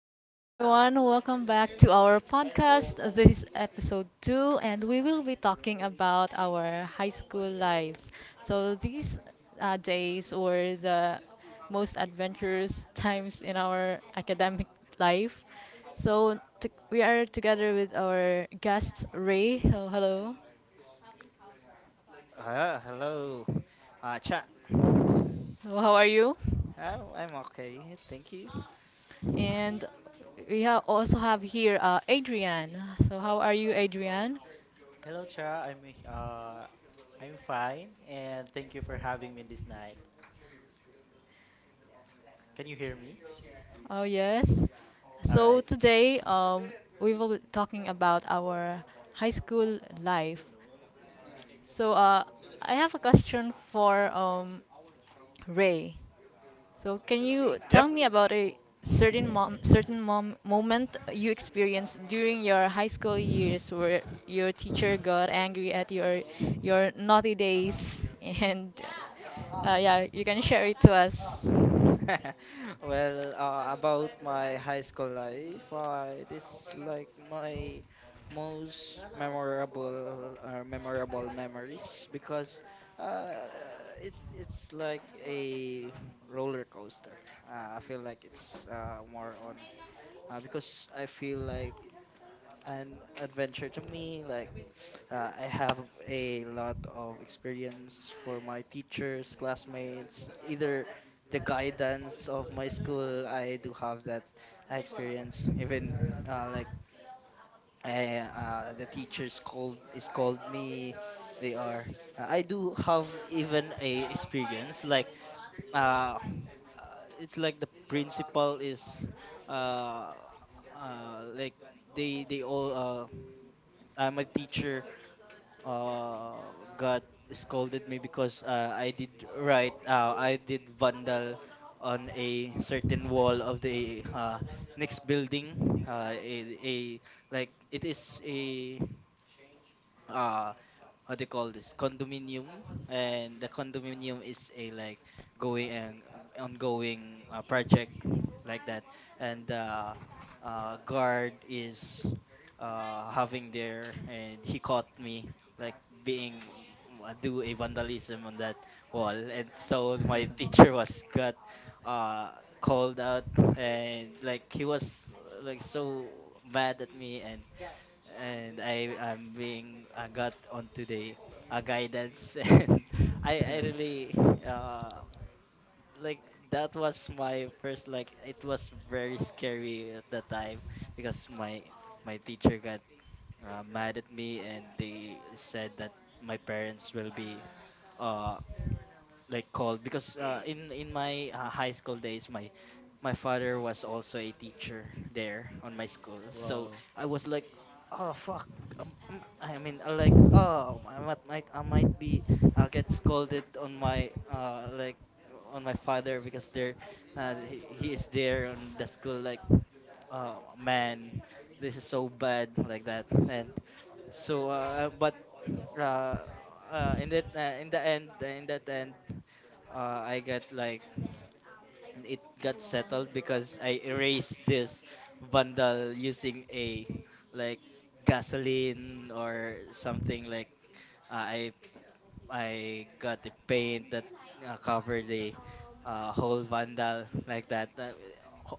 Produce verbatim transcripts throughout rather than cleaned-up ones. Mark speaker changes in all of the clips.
Speaker 1: hello everyone. Welcome back to our podcast. This is episode two and we will be talking about our high school lives. So these uh, days were the most adventurous times in our academic life. So t- we are together with our guest Ray. Oh, hello.
Speaker 2: Uh, hello, uh, chat. Oh,
Speaker 1: How are you?
Speaker 2: I'm okay, thank you.
Speaker 1: And we ha also have here uh, Adrian. So how are you, Adrian?
Speaker 3: Hello, Cha. I'm uh, I'm fine, and thank you for having me this night. Can you hear me?
Speaker 1: Oh yes.
Speaker 3: All
Speaker 1: So
Speaker 3: right.
Speaker 1: today um, we will be talking about our high school life. So uh, I have a question for um, Ray, so can you tell
Speaker 2: Yep.
Speaker 1: me about a certain mom, certain mom, moment you experienced during your high school years where your teacher got angry at your your naughty days and uh, yeah, you can share it to us.
Speaker 2: Well, uh, about my high school life, uh, it is like my most memorable or memorable memories, because uh, it it's like a roller coaster. Uh, I feel like it's uh, more on, uh, because I feel like an adventure to me, like Uh, I have a lot of experience for my teachers, classmates, either the guidance of my school. I do have that experience. Even, uh, like I, uh, the teachers called is called me. They are. Uh, I do have even a experience like, uh, uh, it's like the principal is, uh, uh, like they they all, uh, I'm a teacher, uh got scolded me because uh, I did write, uh, I did vandal on a certain wall of the, uh, next building, uh, a, a like it is a, uh, what they call this condominium. And the condominium is a like going and, uh, ongoing, uh, project,
Speaker 3: Mhm.
Speaker 2: like that. And the, uh, guard is, uh, having there, and he caught me like being, mm, uh, do a vandalism on that wall. And so my teacher was got, uh, called out, and like he was, uh, like so mad at me. And and I am being I got onto the, uh, guidance, and I I really uh like that was my first, like it was very scary at that time, because my my teacher got, uh, mad at me, and they said that my parents will be, uh like called, because uh, in in my uh, high school days my my father was also a teacher there on my school. So
Speaker 3: Wow.
Speaker 2: I was like, oh, fuck. Um, um," i mean uh, like, oh, i might, might i might be, I'll get scolded on my, uh like on my father, because there, uh, he, he is there on the school, like oh man, this is so bad, like that. And so, uh but uh, uh in that uh, in the end in that end, uh, I got like it got settled, because I erased this bundle using a like gasoline or something. Like, uh, I I got a paint that, uh, covered the, uh, whole bundle like that. That-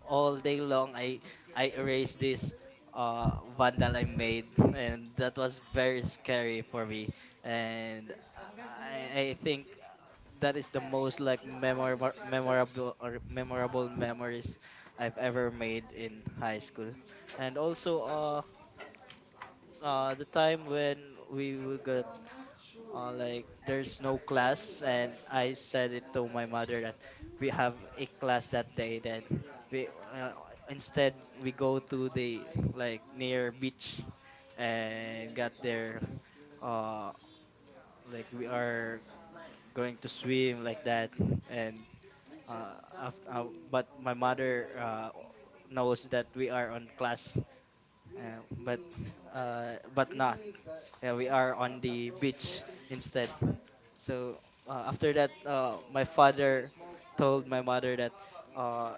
Speaker 2: All day long I I erased this, uh bundle I made, and that was very scary for me. And I I I think that is the most like memorable memorable or memorable memories I've ever made in high school. And also, uh uh the time when we will get, uh like there's no class, and I said it to my mother that we have a class that day. Then we, uh, instead, we go to the like near beach, and got there, uh like we are going to swim like that. And, uh, after, uh but my mother, uh knows that we are on class, uh, but uh but not, yeah, we are on the beach instead. So, uh, after that, uh my father told my mother that, uh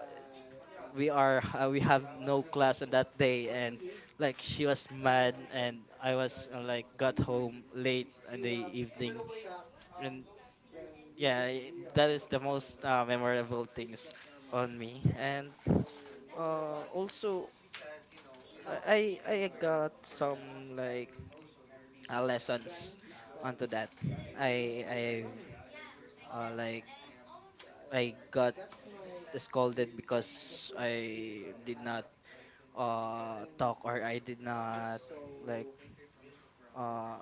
Speaker 2: we are, uh, we have no class on that day, and like she was mad. And I was, uh, like got home late in the evening. And yeah, i- that is the most, uh, memorable things on me. And, uh, also, I I I got some like, uh, lessons onto that. I I've uh, Like, I got scolded because I did not, uh talk, or I did not like, uh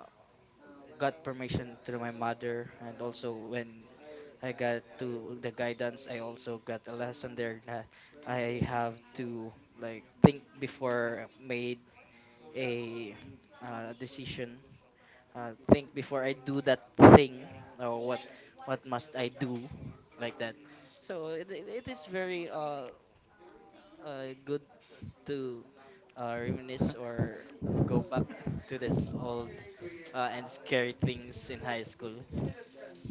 Speaker 2: got permission through my mother. And also when I got to the guidance, I also got a lesson there, that I have to like think before made a, uh, decision. Uh, think before I do that thing, or what what must I do, like that. So it it it is very, uh, uh good to, uh, reminisce or go back to this old, uh, and scary things in high school.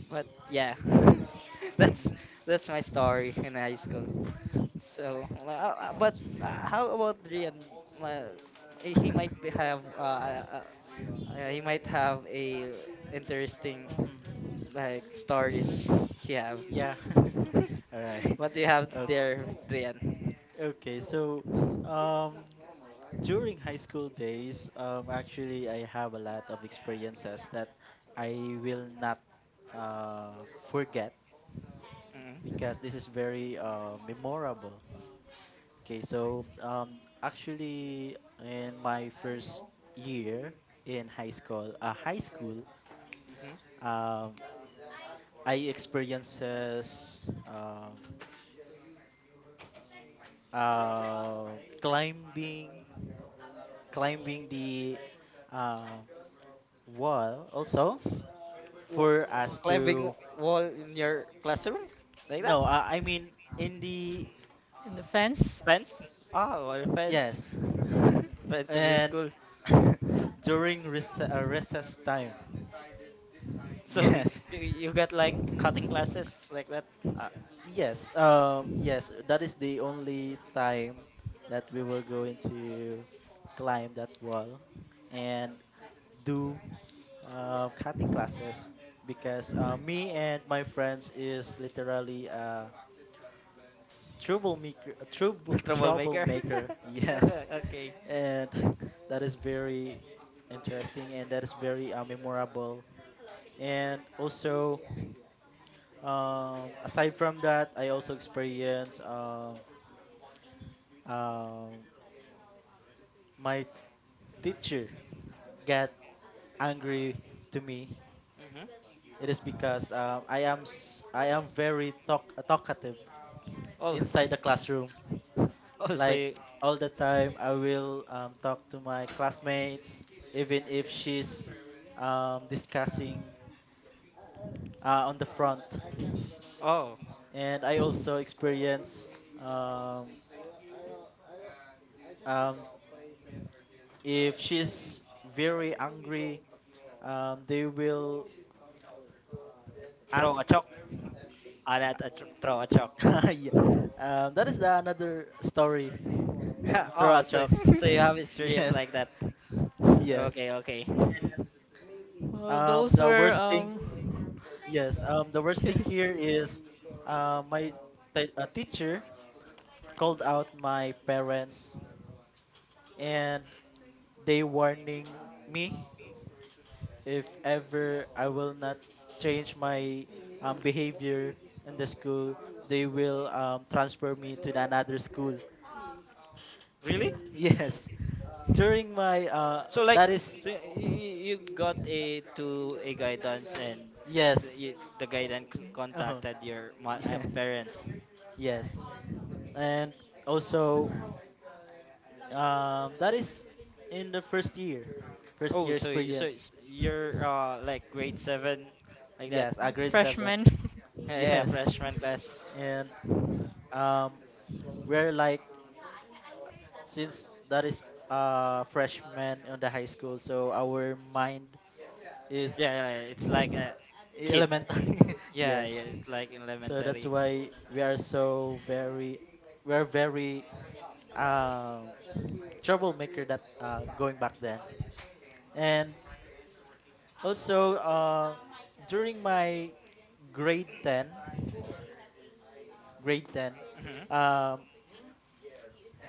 Speaker 2: But yeah, that's that's my story in high school. So, well, uh, uh, but, uh, how about Rian? Uh, he might be have uh, uh, uh, he might have a interesting
Speaker 3: Hmm.
Speaker 2: like stories he have.
Speaker 3: Yeah. All right.
Speaker 2: What do you have
Speaker 3: O-
Speaker 2: there, Rian?
Speaker 3: Okay. So, um, during high school days, um, actually, I have a lot of experiences that I will not uh, forget.
Speaker 2: Mm-hmm.
Speaker 3: Because this is very uh, memorable. Okay, so um, actually, in my first year in high school, uh, high school,
Speaker 2: Mm-hmm.
Speaker 3: um, I experiences um uh, climbing, climbing the uh, wall also
Speaker 2: W-
Speaker 3: for
Speaker 2: w-
Speaker 3: us
Speaker 2: climbing
Speaker 3: to
Speaker 2: wall in your classroom like that?
Speaker 3: no, uh, I mean in the
Speaker 1: In the fence.
Speaker 2: Fence? Ah, wall fence.
Speaker 3: yes
Speaker 2: Fence of your
Speaker 3: and
Speaker 2: school.
Speaker 3: during rec- uh, recess time.
Speaker 2: So
Speaker 3: Yes.
Speaker 2: you, you got like cutting classes like that.
Speaker 3: Uh, yes, um, yes, that is the only time that we were going to climb that wall and do uh, cutting classes because uh, me and my friends is literally a troublemaker, a trouble,
Speaker 2: Troublemaker.
Speaker 3: troublemaker, yes,
Speaker 2: Okay, okay.
Speaker 3: and that is very interesting and that is very uh, memorable, and also, um, aside from that, I also experienced Uh, Um, my teacher got angry to me.
Speaker 2: Hmm.
Speaker 3: It is because um, I am s- I am very talk- uh, talkative
Speaker 2: Oh.
Speaker 3: inside the classroom.
Speaker 2: Oh, so
Speaker 3: Like
Speaker 2: you,
Speaker 3: all the time, I will um, talk to my classmates, even if she's um, discussing uh, on the front.
Speaker 2: oh,
Speaker 3: And I also experience um, um, if she's very angry, um, they will
Speaker 2: throw
Speaker 3: ask.
Speaker 2: a chalk. Ah, not a tr- Throw a chalk.
Speaker 3: Yeah. Um, that is the another story.
Speaker 2: Oh, so
Speaker 3: Turachok.
Speaker 2: so you have experience
Speaker 3: Yes.
Speaker 2: like that.
Speaker 3: Yes.
Speaker 2: Okay, okay.
Speaker 1: Well,
Speaker 3: Um,
Speaker 1: those
Speaker 3: the
Speaker 1: were
Speaker 3: worst thing,
Speaker 1: um.
Speaker 3: yes. Um, the worst
Speaker 1: Yeah,
Speaker 3: thing here is, uh, my t- a teacher called out my parents and they warning me if ever I will not change my um, behavior in the school, they will um, transfer me to another school.
Speaker 2: Really?
Speaker 3: Yes, during my uh,
Speaker 2: So like,
Speaker 3: that is.
Speaker 2: so you, you got a to a guidance, and the,
Speaker 3: Yes.
Speaker 2: you, the guidance
Speaker 3: Uh-huh.
Speaker 2: contacted your mo- uh,
Speaker 3: Yes.
Speaker 2: parents.
Speaker 3: Yes. And also, um, that is in the first year, first
Speaker 2: Oh,
Speaker 3: year
Speaker 2: so y- so
Speaker 3: experience.
Speaker 2: it's, you're uh like grade seven like that.
Speaker 3: Yes, at grade seven.
Speaker 1: freshmen.
Speaker 2: Yeah, yeah, yeah,
Speaker 3: Yes.
Speaker 2: freshman class.
Speaker 3: And um, we're like since that is uh freshman on the high school, so our mind is
Speaker 2: Yeah, yeah, yeah, it's like a kid.
Speaker 3: elementary.
Speaker 2: Yeah,
Speaker 3: Yes.
Speaker 2: yeah, it's like
Speaker 3: So that's
Speaker 2: elementary.
Speaker 3: why we are so very, we are very um troublemaker that uh going back then. And also, uh, during my grade ten, grade ten,
Speaker 2: Hmm.
Speaker 3: um,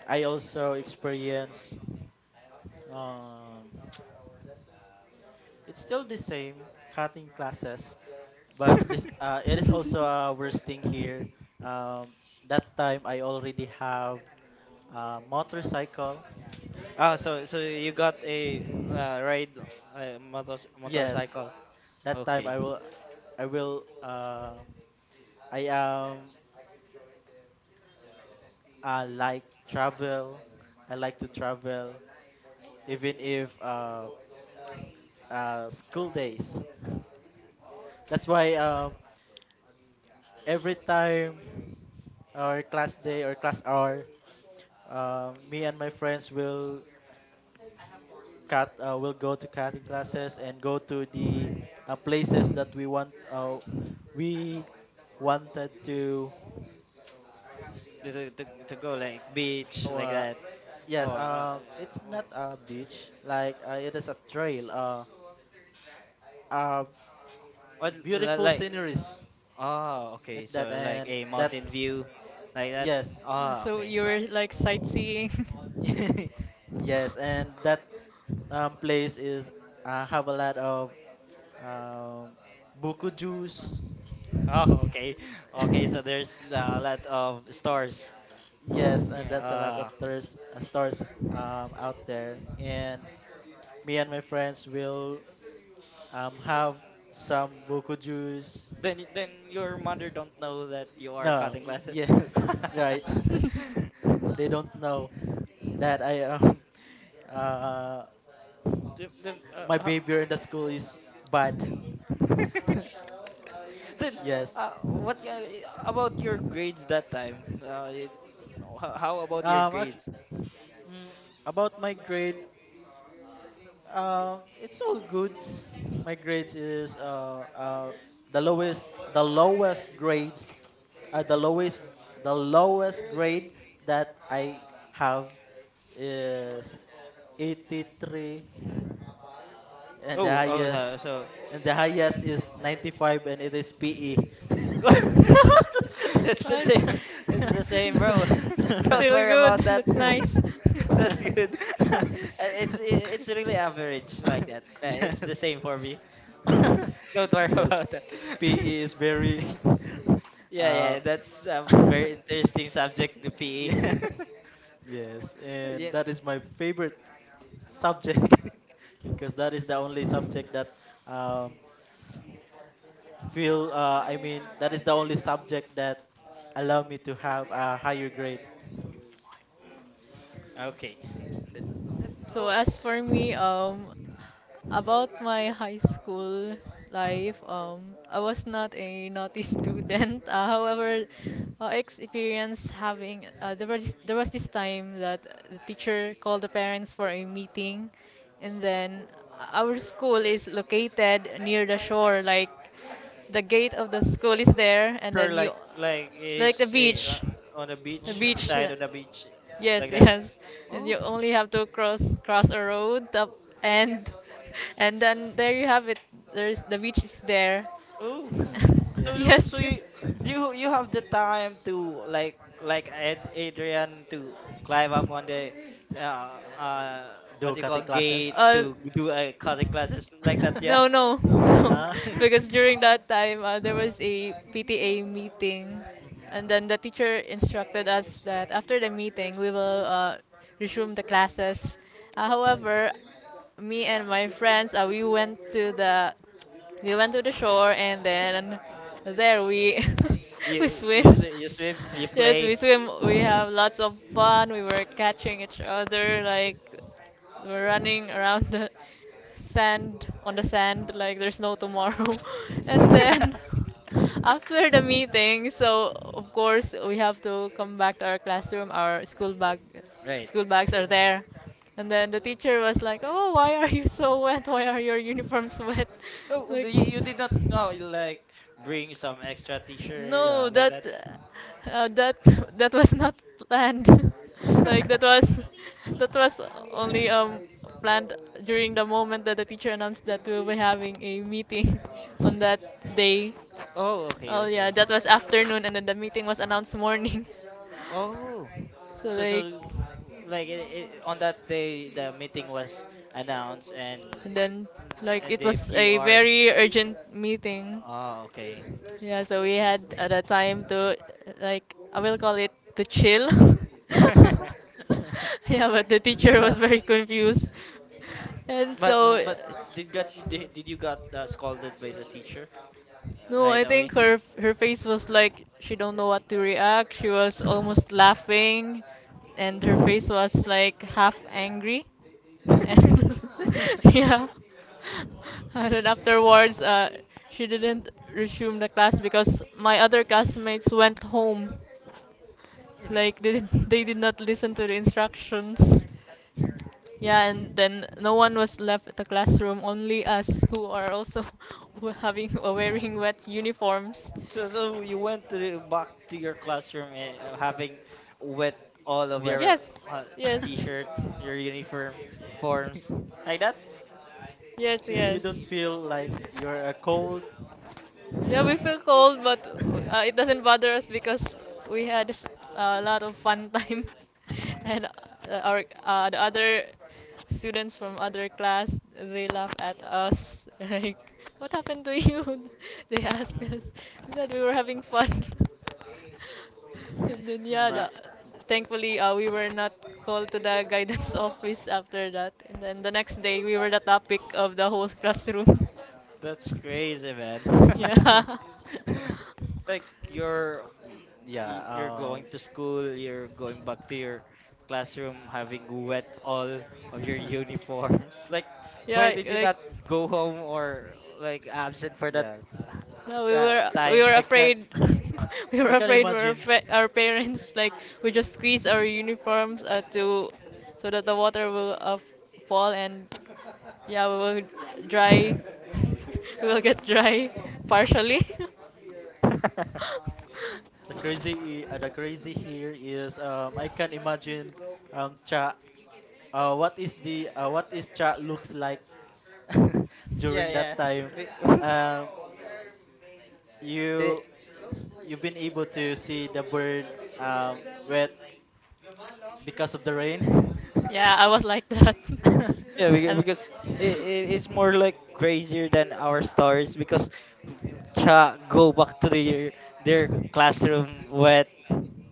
Speaker 3: I also experienced, um, it's still the same, cutting classes, but this uh, it is also a worst thing here. Um, that time I already have a motorcycle.
Speaker 2: Oh, so so you got a, uh, ride, uh, motor
Speaker 3: Yes,
Speaker 2: motorcycle.
Speaker 3: that time
Speaker 2: Okay.
Speaker 3: I will, I will, uh, I am, I like travel. I like to travel, even if uh, uh, school days. That's why um, every time or class day or class hour, uh, me and my friends will cut uh, will go to cutting classes and go to the uh, places that we want uh, we wanted to
Speaker 2: To, to, to to go like beach like
Speaker 3: uh,
Speaker 2: that,
Speaker 3: yes,
Speaker 2: or uh,
Speaker 3: um it's
Speaker 2: uh,
Speaker 3: not a beach like uh, it is a trail uh, uh
Speaker 2: what li-
Speaker 3: beautiful
Speaker 2: like,
Speaker 3: sceneries
Speaker 2: oh
Speaker 3: like
Speaker 2: okay,
Speaker 3: that
Speaker 2: so like
Speaker 3: and
Speaker 2: a
Speaker 3: that
Speaker 2: mountain view like that.
Speaker 3: yes.
Speaker 2: Oh
Speaker 1: So
Speaker 2: okay.
Speaker 1: you were like sightseeing.
Speaker 3: Yes, and that um, place is uh, have a lot of um, buku juice.
Speaker 2: Oh okay. Okay, so there's, uh, a lot of stores.
Speaker 3: Yes, and that's a lot of
Speaker 2: Yeah. uh,
Speaker 3: stores, uh, stores um, out there. And me and my friends will um, have some buku juice.
Speaker 2: Then y- then your mother don't know that you are
Speaker 3: No,
Speaker 2: cutting
Speaker 3: y-
Speaker 2: classes.
Speaker 3: yes, right.
Speaker 2: Then.
Speaker 3: They don't know that I um uh
Speaker 2: Then,
Speaker 3: my
Speaker 2: uh,
Speaker 3: behavior in the school is bad.
Speaker 2: ho- then,
Speaker 3: Yes.
Speaker 2: uh, what uh, about your grades that time? Uh, it, ho- how about your
Speaker 3: Um, actually,
Speaker 2: grades?
Speaker 3: mm, about my grade, um, it's all goods. My grades is uh uh the lowest the lowest grades uh, the lowest the lowest grade that I have is eighty-three, and the
Speaker 2: Oh oh,
Speaker 3: highest,
Speaker 2: uh, so.
Speaker 3: and the highest is ninety-five and it is P E.
Speaker 2: It's the
Speaker 1: Well,
Speaker 2: same. It's the same, bro. Don't
Speaker 1: still
Speaker 2: worry
Speaker 1: good.
Speaker 2: about that.
Speaker 1: That's nice.
Speaker 2: That's good. Uh, it's i- it's really average like that. Uh, It's the
Speaker 3: Yes.
Speaker 2: same for me. Don't worry
Speaker 3: Yes,
Speaker 2: about that.
Speaker 3: P E is very
Speaker 2: Yeah,
Speaker 3: uh
Speaker 2: yeah, that's a very interesting subject, the P E.
Speaker 3: yes. Yes, and
Speaker 2: Yeah.
Speaker 3: that is my favorite subject because that is the only subject that um, feel uh, I mean that is the only subject that allow me to have a higher grade.
Speaker 2: Okay. Th- th-
Speaker 1: So
Speaker 2: oh.
Speaker 1: as for me, um, about my high school life, um, I was not a naughty student. Uh, however, uh, I experienced having uh, there was there was this time that the teacher called the parents for a meeting, and then our school is located near the shore, like the gate of the school is there, and
Speaker 2: Her
Speaker 1: then you
Speaker 2: like like
Speaker 1: like the
Speaker 2: is a, uh,
Speaker 1: beach,
Speaker 2: on a
Speaker 1: the
Speaker 2: beach,
Speaker 3: Mm?
Speaker 2: uh,
Speaker 1: beach.
Speaker 2: beside on a beach
Speaker 1: Yes,
Speaker 2: like that.
Speaker 1: yes. And
Speaker 2: Oh.
Speaker 1: you only have to cross cross a road up and and then there you have it. There's the beach is there.
Speaker 2: Oh. So, so
Speaker 3: Yes.
Speaker 2: so
Speaker 1: Yes.
Speaker 2: you you you have the time to like like Ad- Adrian, to climb up on the, uh,
Speaker 3: Uh,
Speaker 2: uh what
Speaker 3: Do
Speaker 2: do you
Speaker 3: cutting
Speaker 2: call
Speaker 3: classes.
Speaker 2: gate,
Speaker 1: Uh,
Speaker 2: to do uh, cutting classes like that, yeah.
Speaker 1: No, no, no.
Speaker 3: Ah.
Speaker 1: Because during that time, uh, there was a P T A meeting, and
Speaker 3: Mhm.
Speaker 1: then the teacher instructed us that after the meeting, we will uh, resume the classes. Uh, however, me and my friends, uh, we went to the we went to the shore, and then there we
Speaker 2: You
Speaker 1: we
Speaker 2: you s-
Speaker 1: swim.
Speaker 2: you swim, you
Speaker 1: Yes,
Speaker 2: play.
Speaker 1: we swim. We have lots of fun. We were catching each other, like we're running around the sand on the sand like there's no tomorrow and then after the meeting, so of course we have to come back to our classroom. Our school bag
Speaker 2: Right.
Speaker 1: school bags are there,
Speaker 3: Mhm.
Speaker 1: and then the teacher was like, "Oh, why are you so wet? Why are your uniforms wet?"
Speaker 2: Oh, do
Speaker 1: Like,
Speaker 2: you, you did not, uh, like bring some extra T-shirt
Speaker 1: no,
Speaker 3: Yeah.
Speaker 2: like
Speaker 1: that
Speaker 2: that.
Speaker 1: uh, that that was not planned. Like that was that was only um planned during the moment that the teacher announced that we'll be having a meeting on that day.
Speaker 2: Oh, okay,
Speaker 1: Oh yeah,
Speaker 2: okay.
Speaker 1: that was afternoon and then the meeting was announced morning.
Speaker 2: Oh,
Speaker 1: So
Speaker 2: so
Speaker 1: like,
Speaker 2: so like it, it, on that day the meeting was announced and
Speaker 1: and then,
Speaker 2: the-
Speaker 1: like,
Speaker 2: and
Speaker 1: it
Speaker 2: the
Speaker 1: was
Speaker 2: few
Speaker 1: a
Speaker 2: hours.
Speaker 1: very urgent meeting.
Speaker 2: Oh, okay.
Speaker 3: Mhm.
Speaker 1: Yeah, so we had uh, the time to, uh, like, I will call it to chill. Yeah, but the teacher was
Speaker 3: Yeah.
Speaker 1: very confused. And
Speaker 2: but
Speaker 1: so,
Speaker 2: but did got did, did you got, uh, scolded by the teacher, uh,
Speaker 1: no,
Speaker 2: right
Speaker 1: I
Speaker 2: away?
Speaker 1: think her her face was like she don't know what to react. She was almost laughing, and her face was like half angry.
Speaker 2: Mhm.
Speaker 1: And yeah. And then afterwards, uh, she didn't resume the class because my other classmates went home. Like they did, they did not listen to the instructions. Yeah, and then no one was left at the classroom, only us who are also who having uh, wearing wet uniforms.
Speaker 2: So, so you went to the, back to your classroom, and uh, having wet all of
Speaker 3: Wet.
Speaker 2: your,
Speaker 1: Yes,
Speaker 2: uh,
Speaker 1: yes,
Speaker 2: t-shirt, your uniform forms like that.
Speaker 1: yes,
Speaker 3: So you
Speaker 1: yes.
Speaker 3: don't feel like you're a cold.
Speaker 1: Yeah,
Speaker 3: You're.
Speaker 1: we
Speaker 3: F-
Speaker 1: feel cold, but uh, it doesn't bother us because we had f- a lot of fun time, and uh, our uh, the other students from other class they laugh at us like, "What happened to you?" They ask us.
Speaker 3: Mm,
Speaker 1: We said we were having fun. And then yeah,
Speaker 3: mm,
Speaker 2: You're.
Speaker 3: uh,
Speaker 1: the, thankfully uh, we were not called to the guidance office after that. And then the next day we were the topic of the whole classroom.
Speaker 2: That's crazy, man.
Speaker 1: Yeah.
Speaker 2: Like, you're
Speaker 3: Y- yeah.
Speaker 2: y- you're
Speaker 3: Um.
Speaker 2: going to school, you're going back to your classroom having wet all of your uniforms. Like why
Speaker 1: Yeah,
Speaker 2: did you
Speaker 1: like,
Speaker 2: not go home, or like absent for that,
Speaker 3: Yes.
Speaker 2: uh,
Speaker 1: no,
Speaker 2: s-
Speaker 1: we
Speaker 2: uh,
Speaker 1: were we were
Speaker 2: time?
Speaker 3: I can
Speaker 1: afraid. We
Speaker 3: I
Speaker 1: were
Speaker 3: can
Speaker 1: afraid for our,
Speaker 3: imagine.
Speaker 1: fa- our parents. Like we just squeeze our uniforms uh, to, so that the water will uh, fall, and yeah, we will dry. We will get dry partially.
Speaker 3: The crazy i- uh, the crazy here is um I can imagine um cha uh what is the uh, what is cha looks like
Speaker 2: Yeah,
Speaker 3: during that
Speaker 2: yeah.
Speaker 3: time.
Speaker 2: Be-
Speaker 3: Um you
Speaker 2: Eh,
Speaker 3: you've been able to see the bird um wet because of the rain.
Speaker 1: Yeah, I was like that.
Speaker 2: yeah, beca-
Speaker 1: and
Speaker 2: because it, it, it's more like crazier than our stories, because cha go back to their their classroom wet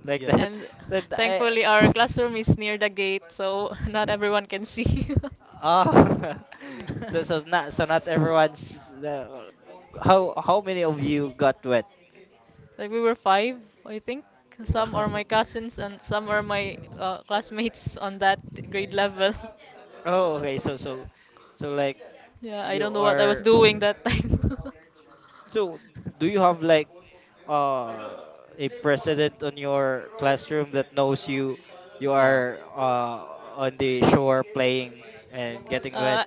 Speaker 2: like that.
Speaker 3: Yes.
Speaker 1: and
Speaker 2: Then I.
Speaker 1: thankfully our classroom is near the gate, so not everyone can see.
Speaker 2: Oh. So so not so not everyone's the, how how many of you got wet?
Speaker 1: Like we were five, I think. Some are
Speaker 3: Wow.
Speaker 1: my cousins and some are my uh, classmates on that grade level.
Speaker 2: Oh, okay. So so so like
Speaker 1: Yeah, I
Speaker 2: you
Speaker 1: don't know what I was
Speaker 2: are.
Speaker 1: doing that time.
Speaker 2: So do you have like, uh, a president on your classroom that knows you you
Speaker 3: Yeah.
Speaker 2: are, uh, on the shore playing and getting wet?
Speaker 1: uh,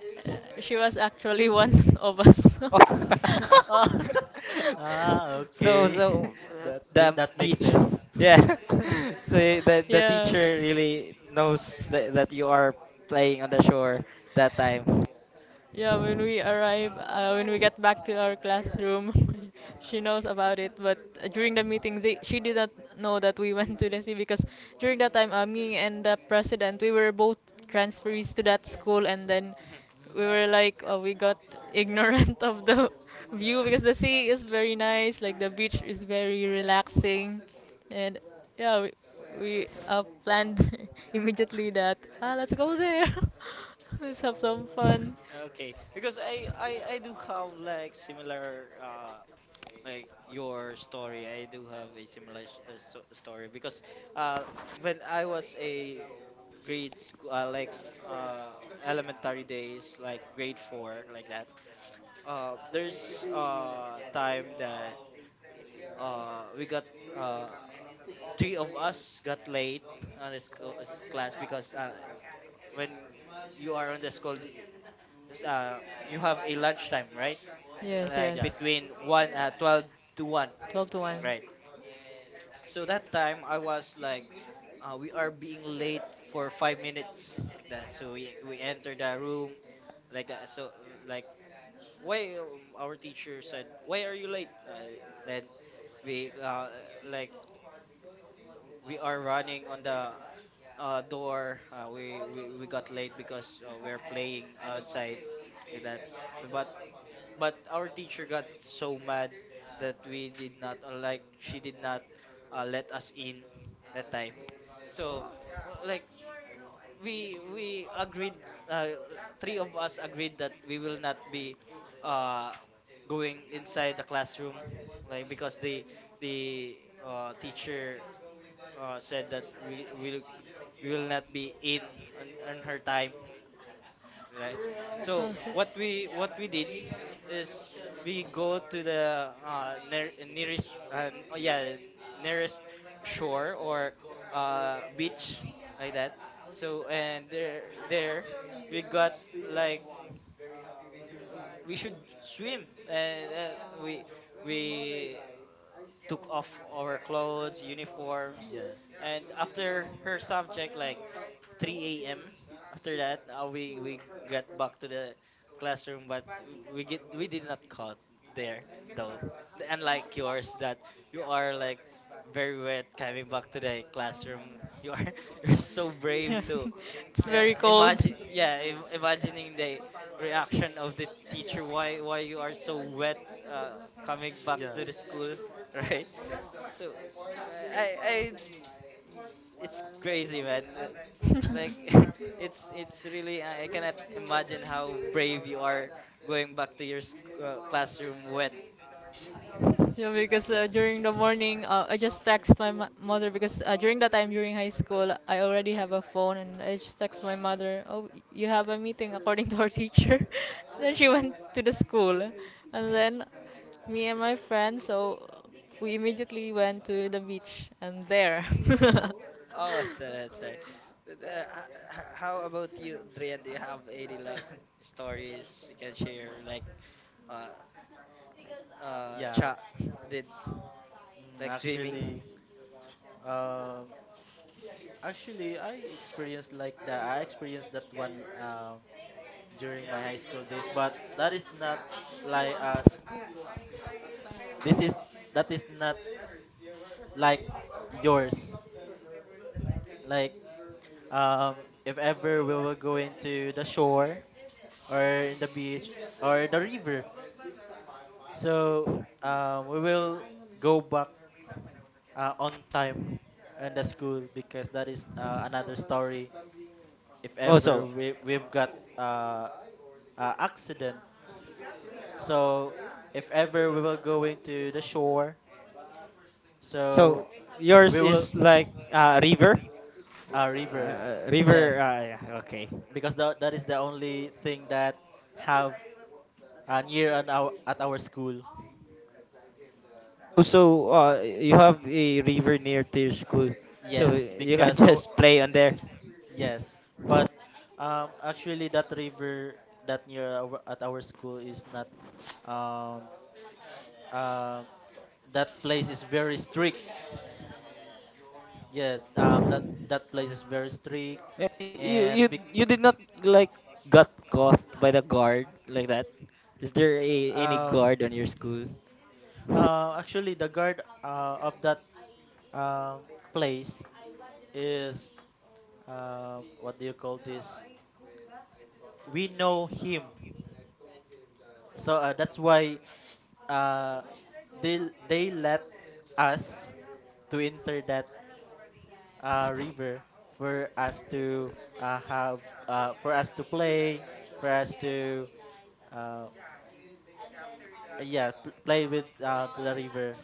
Speaker 1: she was actually one of us.
Speaker 2: Oh.
Speaker 3: Ah,
Speaker 2: S-
Speaker 3: ah,
Speaker 2: so
Speaker 3: okay.
Speaker 2: so, uh,
Speaker 3: That th-
Speaker 2: the
Speaker 3: that makes
Speaker 2: teach.
Speaker 3: sense.
Speaker 2: Yeah. So the the
Speaker 1: yeah.
Speaker 2: teacher really knows that, that you are playing on the shore that time.
Speaker 1: Yeah, when we arrive, uh, when we get back to our classroom, she knows about it. But uh, during the meeting, they, she did not know that we went to the sea because during that time, uh, me and the president, we were both transferees to that school, and then
Speaker 2: Mhm.
Speaker 3: Mm,
Speaker 1: we were like, uh, we got ignorant of the view because the sea is very nice, like the beach is very relaxing, and yeah, we, we uh, planned immediately that, ah, let's go there, let's have some
Speaker 3: mm.
Speaker 1: fun.
Speaker 2: Okay, because I I I do have like similar, uh. Like your story, I do have a similar s- uh, so- story. Because uh when I was a grade school, uh, like uh elementary days, like grade four like that, uh there's uh time that, uh we got, uh three of us got late on this co- this class. Because uh when you are on the school, the- is, uh, you have a lunchtime, right?
Speaker 1: Yes,
Speaker 2: Like
Speaker 1: yes.
Speaker 3: Yes.
Speaker 2: between one, uh, twelve to one,
Speaker 1: twelve to one.
Speaker 2: right? So that time I was like, uh, we are being late for five minutes like that. So we we enter the room like that. So, uh, like why, um, our teacher said, why are you late? Uh, then we, uh, like we are running on the, uh, door. Uh, we, we we got late because uh, we're playing outside like that. But but our teacher got so mad, that we did not, uh, like she did not, uh, let us in that time. So,
Speaker 3: Well,
Speaker 2: uh, like we we agreed, uh, three of us agreed that we will not be, uh, going inside the classroom like. Because the the uh, teacher, uh, said that we will we will not be in on, on her time, right? So
Speaker 1: Oh, so,
Speaker 2: what we what we did is we go to the, uh, near, nearest, uh, n- oh yeah nearest shore or, uh, beach like that. So and there there we got like, uh, we should swim. And uh, we we took off our clothes uniforms,
Speaker 3: yes.
Speaker 2: and after her subject like three a m After that, uh, we we got back to the classroom, but we get we did not caught there though. Unlike yours, that you are like very wet coming back to the classroom. You are you're so
Speaker 1: yeah.
Speaker 2: brave too.
Speaker 1: It's
Speaker 2: Uh,
Speaker 1: very cold.
Speaker 2: imagine, yeah, im- imagining the reaction of the teacher. Why why you are so wet uh, coming back
Speaker 3: Yeah.
Speaker 2: to the school, right? So I I it's crazy, man, like it's it's really uh, I cannot imagine how brave you are going back to your sc- uh, classroom wet.
Speaker 1: Yeah, because uh,
Speaker 3: Yes.
Speaker 1: during the morning, uh, I just text my mo- mother because uh, during that time during high school, I already have a phone and I just text my mother, "Oh, you have a meeting according to our teacher." Then she went to the school, and then me and my friend, so we immediately went to the beach and there.
Speaker 2: Oh, so that's right. But, uh, h- h- how about you, Drian, do you have any like stories you can share, like uh uh
Speaker 3: Yeah.
Speaker 2: cha did,
Speaker 3: Mm,
Speaker 2: like swimming?
Speaker 3: actually, um, actually, I experienced like that. I experienced that one um during my high school days, but that is not like uh, this is that is not like yours. Like, um, if ever we will go into the shore or in the beach or the river, so um, we will go back uh, on time in the school because that is uh, another story. If
Speaker 2: Oh,
Speaker 3: ever
Speaker 2: so,
Speaker 3: we we've got uh, uh accident, so if ever we will go into the shore, so
Speaker 2: so yours
Speaker 3: we will
Speaker 2: is like uh, river,
Speaker 3: uh, river,
Speaker 2: uh, river.
Speaker 3: yes,
Speaker 2: Uh, yeah, okay.
Speaker 3: because that that is the only thing that have and year and our at our school.
Speaker 2: Oh, so uh, you have a river near to your school, so
Speaker 3: Yes,
Speaker 2: you can
Speaker 3: because our
Speaker 2: just play on there.
Speaker 3: yes, but um actually that river that near our, at our school is not um um that place is very strict. Yeah, um that that place is very strict
Speaker 2: Eh, You
Speaker 3: and
Speaker 2: you you did not like got caught by the guard like that. Is there a,
Speaker 3: be-
Speaker 2: any
Speaker 3: um
Speaker 2: guard on your school?
Speaker 3: uh, actually the guard uh, of that um place is um what do you call this? We know him. So uh, that's why uh, they they let us to enter that uh, river for us to uh, have uh, for us to play for us to uh, yeah p- play with uh, the river,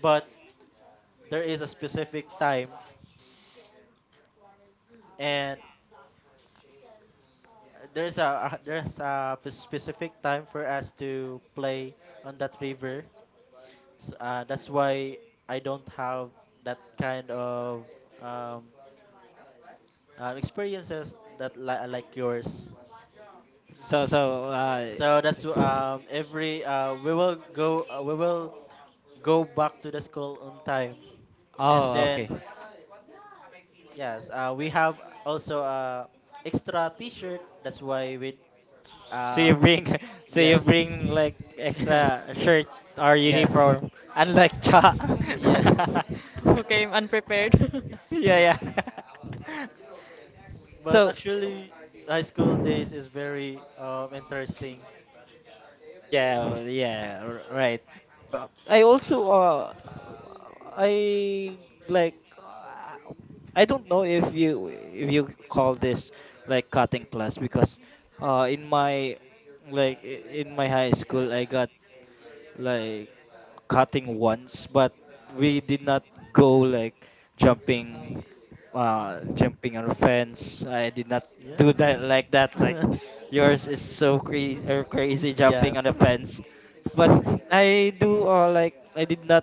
Speaker 3: but there is a specific time, and there's a uh, there's a p- specific time for us to play on that river. S uh, That's why I don't have that kind of um, um, experiences that li- uh, like yours.
Speaker 2: So so uh,
Speaker 3: So that's um every uh we will go uh, we will go back to the school on time, and
Speaker 2: oh, okay.
Speaker 3: then yes uh we have also uh extra T-shirt. That's why we
Speaker 2: So
Speaker 3: uh
Speaker 2: you bring so you
Speaker 3: yes
Speaker 2: bring like
Speaker 3: yes
Speaker 2: extra shirt or
Speaker 3: yes
Speaker 2: uniform, unlike cha.
Speaker 3: yes.
Speaker 1: Okay, I'm unprepared.
Speaker 2: Yeah, yeah.
Speaker 3: But
Speaker 2: So.
Speaker 3: actually, high school days is very um interesting.
Speaker 2: Yeah, well, yeah, r- right. Well, I also uh I like uh, I don't know if you if you call this like cutting class because uh in my, like i- in my high school I got like cutting once, but we did not go like jumping, uh,
Speaker 3: Mm?
Speaker 2: jumping on a fence. I did not
Speaker 3: Yeah.
Speaker 2: do that, like that. Like yours is so crazy, or crazy, jumping on a
Speaker 3: Yes.
Speaker 2: fence, but I do uh, like I did not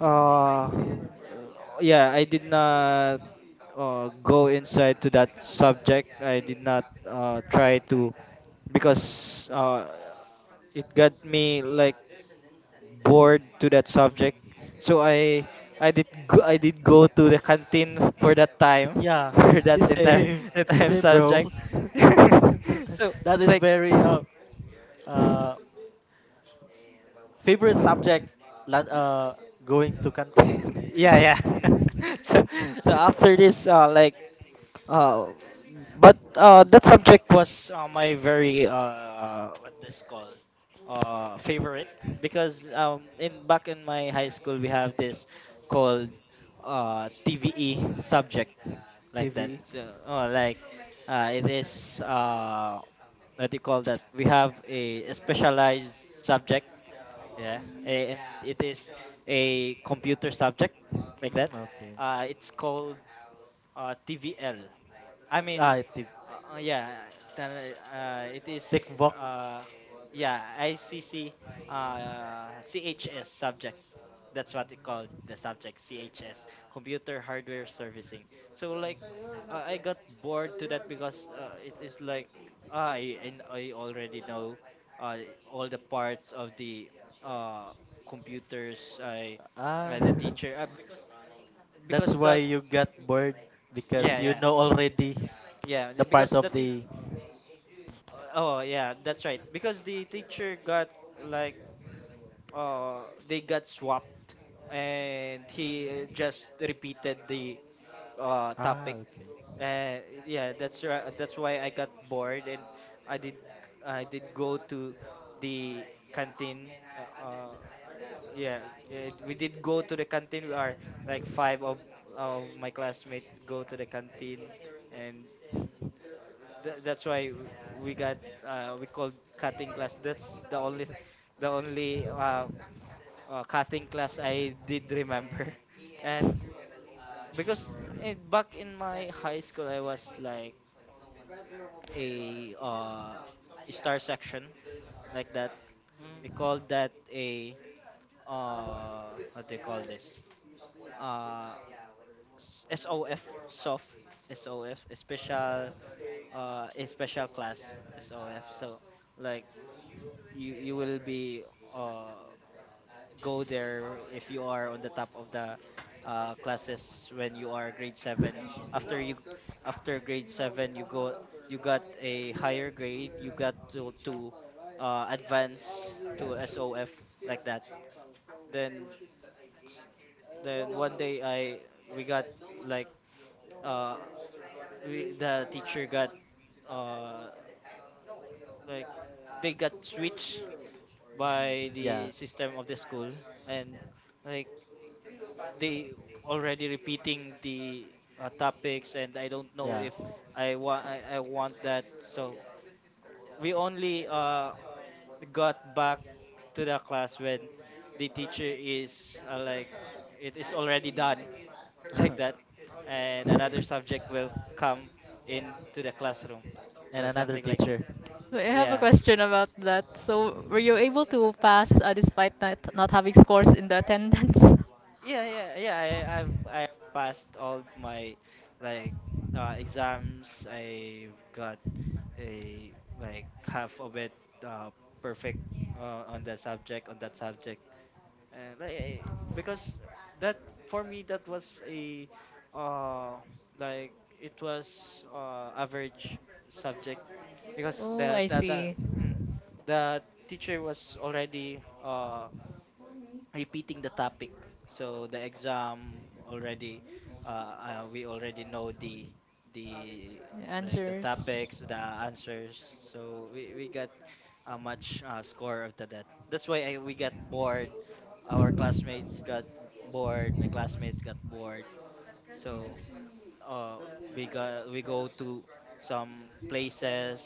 Speaker 2: uh yeah, I did not uh, go inside to that subject. I did not uh, try to because uh, it got me like bored to that subject. So I I did go, I did go to the canteen for that time
Speaker 3: Yeah,
Speaker 2: for
Speaker 3: the
Speaker 2: that entire
Speaker 3: same, the
Speaker 2: entire
Speaker 3: same, bro.
Speaker 2: subject. So
Speaker 3: That is
Speaker 2: like,
Speaker 3: very uh uh favorite subject. lan- Uh, Going to canteen.
Speaker 2: yeah, yeah. So so after this uh like Uh, but uh, that subject was uh, my very uh, what this called, uh, favorite because um, in back in my high school we have this called uh, T V E subject like that.
Speaker 3: T V.
Speaker 2: So, oh, like uh, it is uh, what do you call that? We have a specialized subject, yeah, a- and it is a computer subject like that.
Speaker 3: Mm, okay.
Speaker 2: Uh, it's called uh, T V L. I mean,
Speaker 3: Ah, T V.
Speaker 2: uh, uh, yeah. Then uh, it is,
Speaker 3: TikTok.
Speaker 2: uh, yeah, I C C, uh, C H S subject. That's what it called
Speaker 3: Mhm.
Speaker 2: the subject, C H S, Computer Hardware Servicing. So like, uh, I got bored to that because uh, it is like, uh, I and I already know uh, all the parts of the uh, computers. I,
Speaker 3: Ah,
Speaker 2: uh, the teacher, uh,
Speaker 3: that's
Speaker 2: because
Speaker 3: why
Speaker 2: that,
Speaker 3: you got bored because
Speaker 2: yeah,
Speaker 3: you
Speaker 2: yeah,
Speaker 3: know already
Speaker 2: yeah,
Speaker 3: the
Speaker 2: the-
Speaker 3: parts
Speaker 2: because
Speaker 3: of
Speaker 2: the t
Speaker 3: the.
Speaker 2: Uh, Oh yeah, that's right. Because the teacher got like uh they got swapped and he uh,
Speaker 3: Mhm.
Speaker 2: just repeated the uh
Speaker 3: Ah,
Speaker 2: topic.
Speaker 3: okay.
Speaker 2: Uh, yeah, that's right. That's why I got bored and I did I did go to the canteen. Uh, uh yeah, yeah, we did go to the canteen. We are like five of of my classmates go to the canteen, and Th- that's why w- we got uh, we called cutting class. That's the only the only uh, uh, cutting class I did remember, and because in, back in my high school I was like a uh, star section like that. We
Speaker 3: Mm.
Speaker 2: called that a uh, what do you call this? Uh, s- SOF soft, SOF special, uh, a special class SOF. So like you you will be uh go there if you are on the top of the uh classes when you are grade seven. After you after grade seven you go, you got a higher grade, you got to, to uh advance to SOF like that. then then one day I we got like uh we, the teacher got uh like they got switched
Speaker 3: Hmm.
Speaker 2: by
Speaker 3: Yeah,
Speaker 2: the system of the school, and I they already repeating the uh, topics, and I don't know
Speaker 3: yeah.
Speaker 2: if i want I, I want that. So we only uh got back to the class when the teacher is uh, like it is already done, like that, and
Speaker 3: Yeah.
Speaker 2: another subject will come into the classroom,
Speaker 3: And
Speaker 2: so
Speaker 3: another
Speaker 2: something like that.
Speaker 3: teacher.
Speaker 1: So I have a
Speaker 2: yeah
Speaker 1: question about that. So, were you able to pass uh, despite not, not having scores in the attendance?
Speaker 2: yeah yeah yeah, I, I've I passed all my like uh, exams. I've got a like half of it uh, perfect uh, on the subject on that subject. And like eh, because that, for me, that was a uh like it was uh average subject because
Speaker 1: Oh,
Speaker 2: the
Speaker 1: I
Speaker 2: the the,
Speaker 1: see.
Speaker 2: mm, the teacher was already uh repeating the topic. So the exam already, uh, uh, we already know the the like the
Speaker 1: Answers.
Speaker 2: topics, the answers. So we, we got a much uh, score of the that. That's why I, we got bored. Our classmates got bored. My classmates got bored. So uh, we got we go to some places,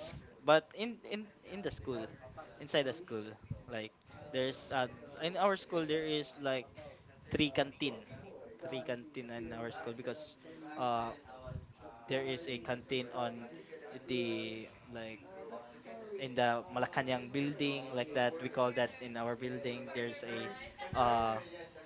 Speaker 2: but in in in the school, inside the school, like there's uh, in our school there is like three canteen, three canteen in our school because uh there is a canteen on the like in the Malacanang building, like that, we call that. In our building there's a uh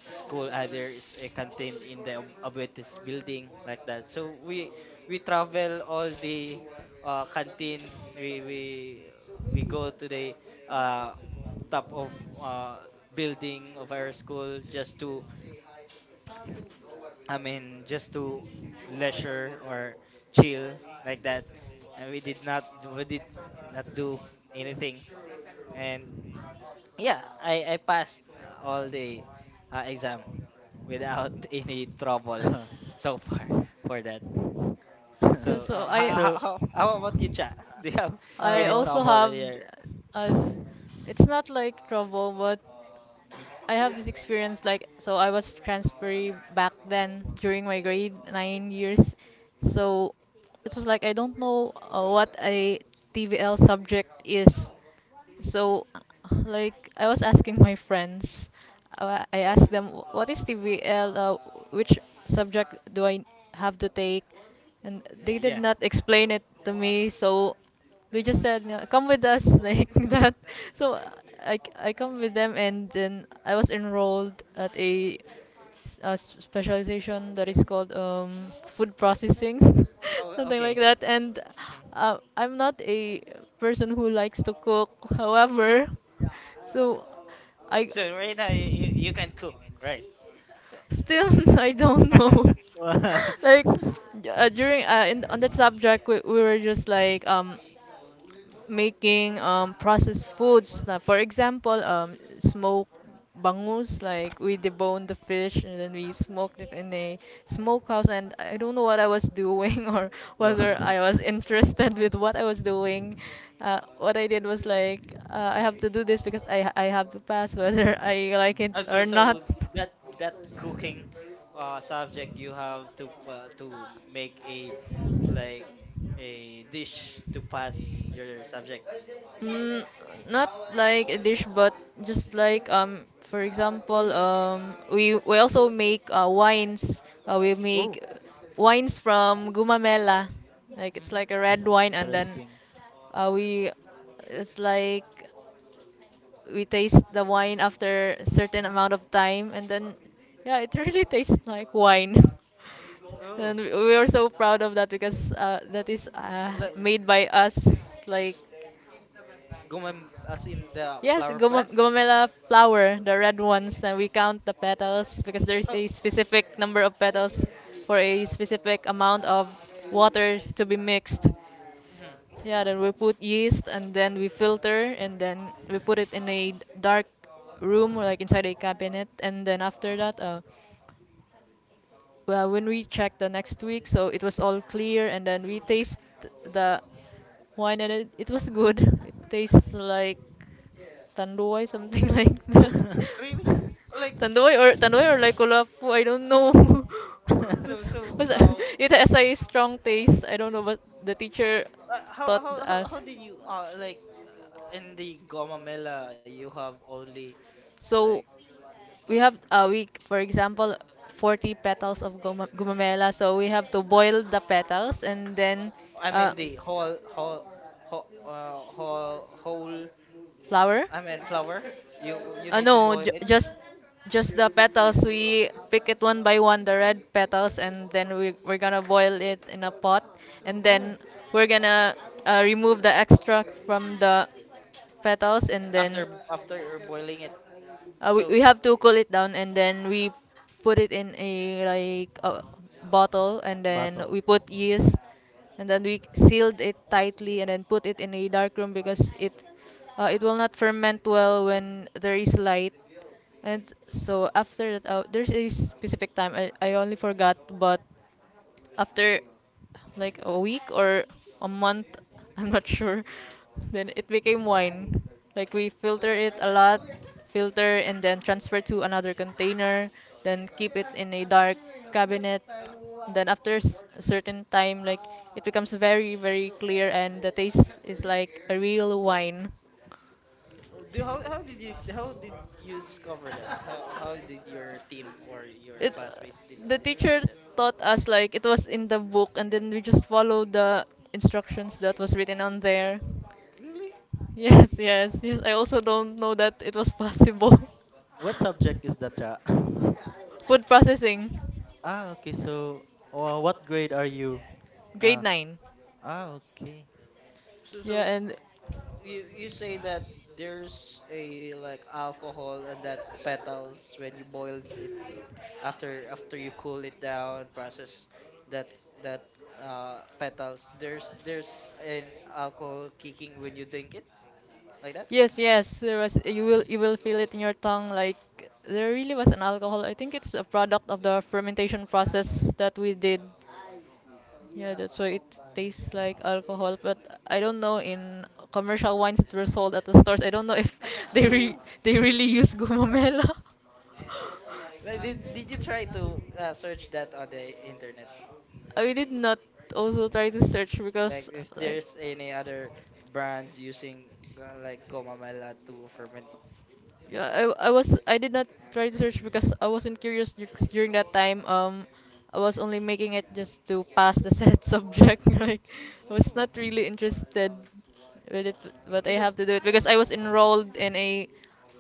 Speaker 2: school uh, there is a canteen in the Ab- Abuetes building, like that. So we we travel all the uh canteen, we we we go to the uh top of uh building of our school just to, I mean, just to leisure or chill, like that. And we did not we did not do anything. And yeah, I I passed uh, all the uh, exam without any trouble
Speaker 3: Mhm.
Speaker 2: so far for that.
Speaker 1: Yeah,
Speaker 2: So
Speaker 1: so
Speaker 2: uh, how,
Speaker 1: I,
Speaker 2: how
Speaker 3: So,
Speaker 2: how how about you, Cha? Do you have
Speaker 1: I
Speaker 2: any
Speaker 3: um,
Speaker 1: also
Speaker 2: trouble
Speaker 1: have,
Speaker 2: here?
Speaker 1: uh, it's not like trouble, but I have this experience like, so I was transferee back then during my grade nine years, so it was like I don't know uh, what a T V L subject is, so like I was asking my friends, uh, I asked them what is T V L, uh, which subject do I have to take, and
Speaker 2: Y-
Speaker 1: they did
Speaker 2: Yeah.
Speaker 1: not explain it to me, so we just said, "No, come with us," like that. So I, I come with them, and then I was enrolled at a, s- a s- specialization that is called, um, food processing
Speaker 2: Oh,
Speaker 1: something
Speaker 2: okay.
Speaker 1: like that. And
Speaker 2: Mhm.
Speaker 1: uh, I'm not a person who likes to cook, however so I
Speaker 2: So right now you, you you can cook, right?
Speaker 1: still I don't know. Like, uh, during uh, in, on that subject, we, we were just like um making um, processed foods. Like, for example, um, smoke bangus, like we debone the fish and then we smoked it in a smokehouse. And I don't know what I was doing or whether
Speaker 3: wow,
Speaker 1: I was interested with what I was doing. Uh, what I did was like, uh, I have to do this because I, I have to pass whether I like it
Speaker 2: Uh, so
Speaker 1: or
Speaker 2: so
Speaker 1: not.
Speaker 2: that that cooking uh, subject, you have to uh, to make a like a dish to pass your subject.
Speaker 1: Mm, not like a dish, but just like, um, for example, um, we we also make uh, wines. Uh, we
Speaker 2: Oh.
Speaker 1: make wines from gumamela, like it's like a red
Speaker 3: mm,
Speaker 1: wine, and then
Speaker 3: interesting.
Speaker 1: uh, we it's like we taste the wine after a certain amount
Speaker 2: Hmm.
Speaker 1: of time, and then yeah, it really tastes like wine.
Speaker 2: Oh.
Speaker 1: And we we are so proud of that because uh, that is uh,
Speaker 2: Like
Speaker 1: made by us, like.
Speaker 2: gumam as in the
Speaker 1: Yes,
Speaker 2: flower plant?
Speaker 1: gum- gumamela flower, the red ones, and we count the petals because there's
Speaker 2: Oh.
Speaker 1: a specific number of petals for a specific amount of water to be mixed.
Speaker 2: Mhm.
Speaker 1: Yeah, then we put yeast and then we filter and then we put it in a dark room or like inside a cabinet, and then after that uh, well, when we checked the next week, so it was all clear, and then we taste the wine, and it, it was good. It tastes like tandoy, something like
Speaker 2: No?
Speaker 1: that.
Speaker 3: Mhm.
Speaker 2: Really? Like
Speaker 1: Tandoy or tandoy or like kulapu, I don't know.
Speaker 2: so
Speaker 1: but
Speaker 2: so
Speaker 1: but
Speaker 2: uh,
Speaker 1: it has a strong taste. I don't know, but the teacher
Speaker 2: uh, how,
Speaker 1: taught
Speaker 2: how how how
Speaker 1: us.
Speaker 2: did you uh like uh, in the gomamela, you have only like,
Speaker 1: So we have a week, for example, forty petals of guma- gumamela. So we have to boil the petals and then
Speaker 2: I mean
Speaker 1: uh,
Speaker 2: the whole whole whole uh, whole whole
Speaker 1: flower.
Speaker 2: I mean flour. You you
Speaker 1: Uh,
Speaker 2: need to
Speaker 1: no,
Speaker 2: boil
Speaker 1: j-
Speaker 2: it?
Speaker 1: just just the petals. We pick it one by one, the red petals, and then we we're gonna boil it in a pot, and
Speaker 2: Oh,
Speaker 1: then we're gonna uh, remove the extracts from the petals, and
Speaker 2: after
Speaker 1: then
Speaker 2: after you're boiling it.
Speaker 1: Uh, we,
Speaker 2: So,
Speaker 1: we have to cool it down and then we put it in a like a bottle, and then
Speaker 3: Battle.
Speaker 1: we put yeast and then we sealed it tightly and then put it in a dark room because it uh, it will not ferment well when there is light. And so after that, uh, there's a specific time I, I only forgot, but after like a week or a month, I'm not sure. Then it became wine. Like we filter it a lot, filter and then transfer to another container, then keep it in a dark cabinet.
Speaker 2: uh,
Speaker 1: Then after s- a certain time, like it becomes very very clear and the taste is like a real wine.
Speaker 2: so do, how how did you how did you discover that? How how did your team or your
Speaker 1: It
Speaker 2: classmates did
Speaker 1: The teacher
Speaker 2: discover that?
Speaker 1: taught us like it was in the book and then we just followed the instructions that was written on there.
Speaker 2: Really?
Speaker 1: Yes, yes, yes. I also don't know that it was possible.
Speaker 3: What subject is that, cha?
Speaker 1: Food processing.
Speaker 3: Ah, okay. So, uh, what grade are you?
Speaker 1: Grade
Speaker 3: Ah,
Speaker 1: nine.
Speaker 3: ah, okay.
Speaker 2: So so
Speaker 1: Yeah, and
Speaker 2: you you say that there's a like alcohol on that petals when you boiled it. After after you cool it down process, that that uh petals, there's there's an alcohol kicking when you drink it, like that.
Speaker 1: Yes, yes, there was you will you will feel it in your tongue like there really was an alcohol. I think it's a product of the fermentation process that we did. Yeah, that's why it tastes like alcohol, but I don't know in commercial wines that were sold at the stores. I don't know if they re
Speaker 2: Ooh.
Speaker 1: they really use gumamela.
Speaker 2: Like, Did, did you try to uh, search that on the internet?
Speaker 1: I did not also try to search
Speaker 2: Like
Speaker 1: because
Speaker 2: if
Speaker 1: like
Speaker 2: there's any other brands using uh, like gomamela to ferment?
Speaker 1: Yeah, I, I was I did not try to search because I wasn't curious dur- 'cause during that time. Um, I was only making it just to pass the said subject. Like, I was
Speaker 3: Mm,
Speaker 1: not
Speaker 2: Oh.
Speaker 3: mm.
Speaker 1: really interested with it, but I have
Speaker 2: Because
Speaker 1: to do it because I was enrolled in a,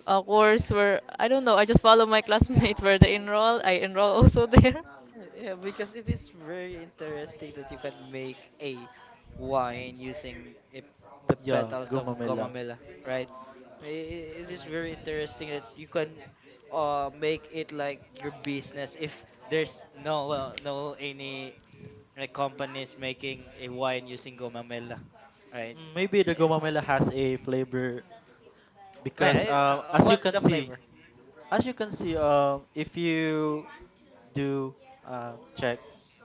Speaker 1: a course where I don't know. I just follow my classmates where they enroll. I enroll also there.
Speaker 2: uh, yeah, because it is very interesting that you can make a wine using a, the
Speaker 3: Yeah,
Speaker 2: petals of
Speaker 3: gumamela.
Speaker 2: gomamela, right? I- i- It is
Speaker 3: Mhm.
Speaker 2: very interesting that you can uh make it like your business if there's no uh, no any a company is making a wine using gomamela, right?
Speaker 3: Mm, maybe the
Speaker 2: Eh,
Speaker 3: gumamela has a flavor because,
Speaker 2: eh,
Speaker 3: uh,
Speaker 2: uh,
Speaker 3: as you
Speaker 2: What's
Speaker 3: can
Speaker 2: the
Speaker 3: see.
Speaker 2: flavor?
Speaker 3: As you can see, um, if you do um, check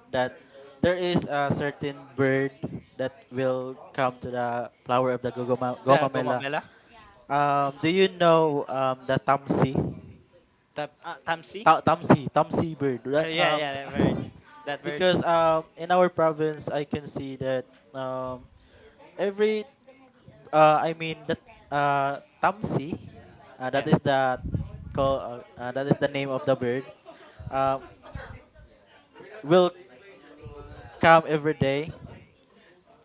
Speaker 3: that there is a certain bird that will come to the flower of the gogoma,
Speaker 2: The
Speaker 3: gomamela.
Speaker 2: gomamela,
Speaker 3: Um, do you know um, the tamsi?
Speaker 2: tap, uh, tamsi.
Speaker 3: Ta- Tamsi, tamsi bird. ra-
Speaker 2: Uh,
Speaker 3: Um,
Speaker 2: yeah, yeah, that bird, that bird.
Speaker 3: because um, in our province, I can see that um, every, uh, I mean that uh, tamsi, uh, that is
Speaker 2: Yeah,
Speaker 3: the call, uh, uh, that is the name of the bird. Uh. Will come every day.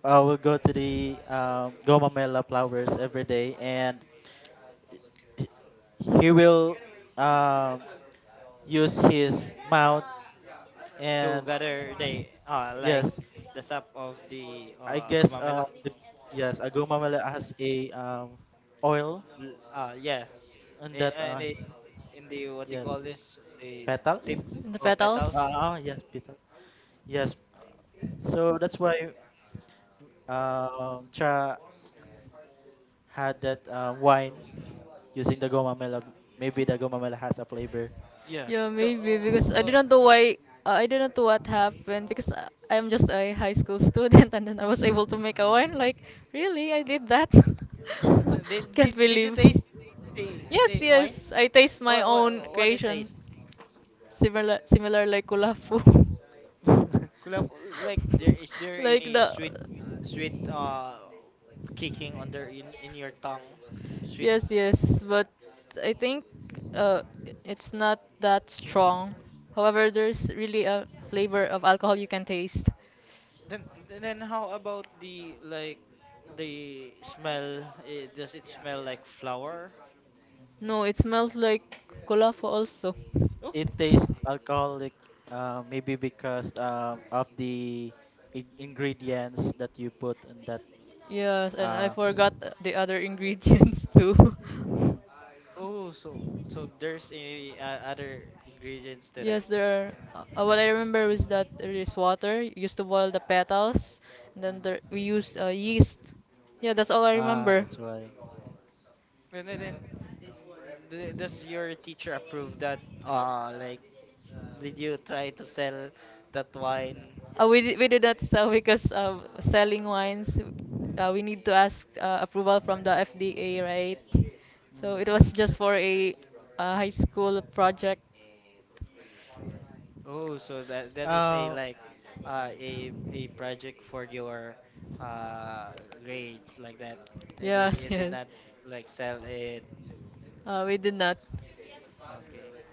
Speaker 3: Uh, we'll go to the um, Gomamela flowers every day, and h- he will um, use his mouth. And
Speaker 2: together they uh like
Speaker 3: yes,
Speaker 2: the sap of the
Speaker 3: I
Speaker 2: uh
Speaker 3: guess uh,
Speaker 2: gomamela.
Speaker 3: the, yes, a Gomamela has a um, oil
Speaker 2: L- Uh, yeah,
Speaker 3: and that
Speaker 2: in
Speaker 3: uh,
Speaker 2: uh, in the in the what they
Speaker 3: yes
Speaker 2: call this, the
Speaker 3: petals.
Speaker 2: tip
Speaker 1: The
Speaker 2: of
Speaker 3: Uh,
Speaker 2: petals.
Speaker 1: petals?
Speaker 3: oh yes, petals. Yes, so that's why um, tra had that uh, wine using the gomamela. Maybe the gomamela has a flavor.
Speaker 2: Yeah.
Speaker 1: Yeah,
Speaker 2: So
Speaker 1: maybe because I
Speaker 2: uh, uh,
Speaker 1: didn't know why. Uh, I didn't know what happened because I, I'm just a high school student and then I was able to make a wine. Like, really? I did that?
Speaker 2: did,
Speaker 1: Can't
Speaker 2: did did
Speaker 1: believe.
Speaker 2: you taste the
Speaker 1: Yes,
Speaker 2: the
Speaker 1: yes.
Speaker 2: wine?
Speaker 1: I taste my
Speaker 2: What what
Speaker 1: own
Speaker 2: what it
Speaker 1: creation.
Speaker 2: tastes?
Speaker 1: Similar, similar like kulafu.
Speaker 3: Mm.
Speaker 2: Kulab, like there is, there
Speaker 1: like the
Speaker 2: any sweet, sweet uh kicking on their, in in your tongue, sweet
Speaker 1: yes
Speaker 2: uh,
Speaker 1: yes but I think uh it's not that strong however there's really a flavor of alcohol you can taste
Speaker 2: then then how about the, like the smell? Eh, does it smell like flour?
Speaker 1: no it smells like kulafo also
Speaker 3: It
Speaker 2: Oh,
Speaker 3: tastes alcoholic, uh, maybe because um, of the I- ingredients that you put in that.
Speaker 1: yes and I
Speaker 3: Uh,
Speaker 1: forgot the other ingredients too
Speaker 2: oh, so so there's any uh, other ingredients to
Speaker 1: Yes,
Speaker 2: that?
Speaker 1: there are. Uh, what I remember is that there is water. You used to boil the petals, and then there, we used uh, yeast. Yeah, that's all I
Speaker 3: ah,
Speaker 1: remember.
Speaker 3: that's why.
Speaker 2: And then then d- does your teacher approve that, uh like did you try to sell that wine?
Speaker 1: Uh, we did, we did not sell because uh, selling wines, uh, we need to ask uh, approval from the F D A, right? So it
Speaker 3: Mm.
Speaker 1: was just for a uh, high school project.
Speaker 2: Oh, so that that is
Speaker 3: Uh,
Speaker 2: a like uh a a project for your uh grades, like that. They,
Speaker 1: Yes,
Speaker 2: did you
Speaker 1: yes.
Speaker 2: did not like sell it
Speaker 1: Uh, we
Speaker 2: to,
Speaker 1: did not.
Speaker 2: okay.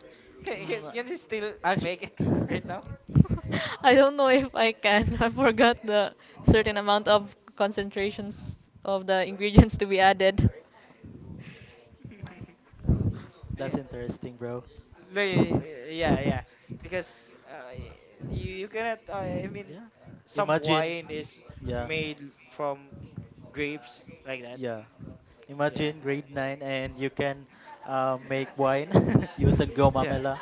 Speaker 2: Can,
Speaker 3: mm,
Speaker 2: can, can you still
Speaker 3: actually,
Speaker 2: make it right now?
Speaker 1: I don't know if I can. I forgot the certain amount of concentrations of the ingredients to be added.
Speaker 3: that's
Speaker 2: Yeah,
Speaker 3: interesting, bro.
Speaker 2: no, y- yeah, yeah. Because uh, y- you you cannot. Uh, I
Speaker 3: Yeah.
Speaker 2: mean, some
Speaker 3: Imagine.
Speaker 2: wine is
Speaker 3: Yeah.
Speaker 2: made from grapes, like that.
Speaker 3: Yeah. Imagine
Speaker 2: Yeah,
Speaker 3: grade nine and you can uh, make wine using
Speaker 2: yeah.
Speaker 3: gomamela.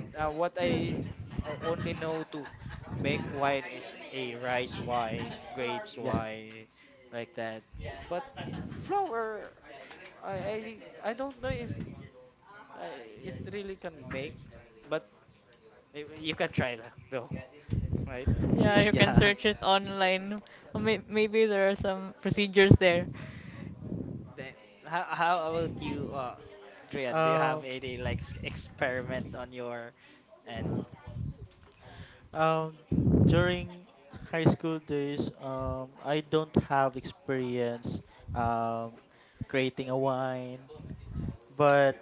Speaker 2: Then uh, what
Speaker 1: Yeah,
Speaker 2: I o- only know to make wine is a rice wine, grapes
Speaker 3: Yeah,
Speaker 2: wine, like that. But flour, I I, I don't know if I, it really can make, but y- you can try that though, right?
Speaker 1: Yeah, you can
Speaker 3: yeah.
Speaker 1: search it online. Or may- maybe there are some procedures there.
Speaker 2: Then, how how about you, uh, Drian? Do you
Speaker 3: Um,
Speaker 2: have any like s- experiment on your end?
Speaker 3: um, during high school days, um, I don't have experience um, creating a wine, but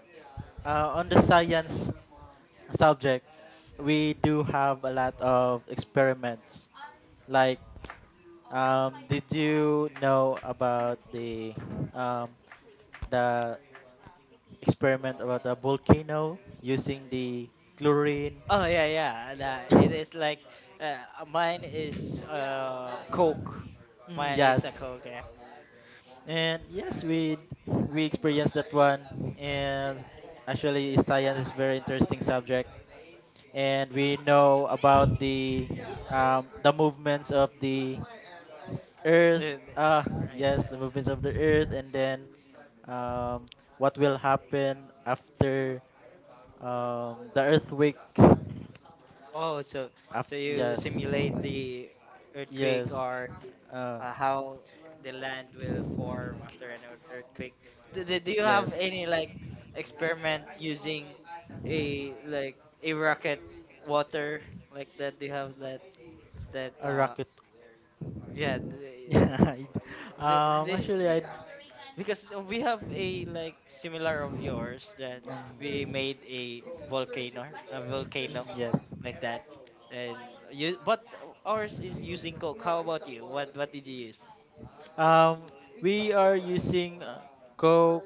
Speaker 3: uh, on the science subject, we do have a lot of experiments. Like, um, did you know about the um, the experiment about a volcano using the chlorine.
Speaker 2: Oh yeah, yeah. That it is like uh, uh, mine is uh Coke.
Speaker 3: Mm,
Speaker 2: Mine is
Speaker 3: yes,
Speaker 2: a Coke. Yeah.
Speaker 3: and yes, we we experienced that one, and actually, science is very interesting subject, and we know about the um, the movements of the Earth.
Speaker 2: Uh,
Speaker 3: Ah, yes,
Speaker 2: right.
Speaker 3: the movements of the Earth, and then um, what will happen after um, the earthquake.
Speaker 2: Oh, so
Speaker 3: After,
Speaker 2: so you
Speaker 3: yes.
Speaker 2: simulate the
Speaker 3: Yes.
Speaker 2: earthquake or
Speaker 3: Uh,
Speaker 2: uh, how the land will form after an ear- earthquake. Do, do, do you
Speaker 3: yes.
Speaker 2: have any like experiment using a like a rocket water, like that? Do you have that that
Speaker 3: A rocket.
Speaker 2: uh yeah
Speaker 3: Yeah. I d-
Speaker 2: the,
Speaker 3: um.
Speaker 2: the,
Speaker 3: Actually, I.
Speaker 2: because uh, we have a like similar of yours that we
Speaker 3: Um.
Speaker 2: made a volcano a
Speaker 3: Mm,
Speaker 2: volcano
Speaker 3: yes.
Speaker 2: like that. And you, but uh, ours is using coke. How about you, what what did you use?
Speaker 3: Um. We are using uh, Coke,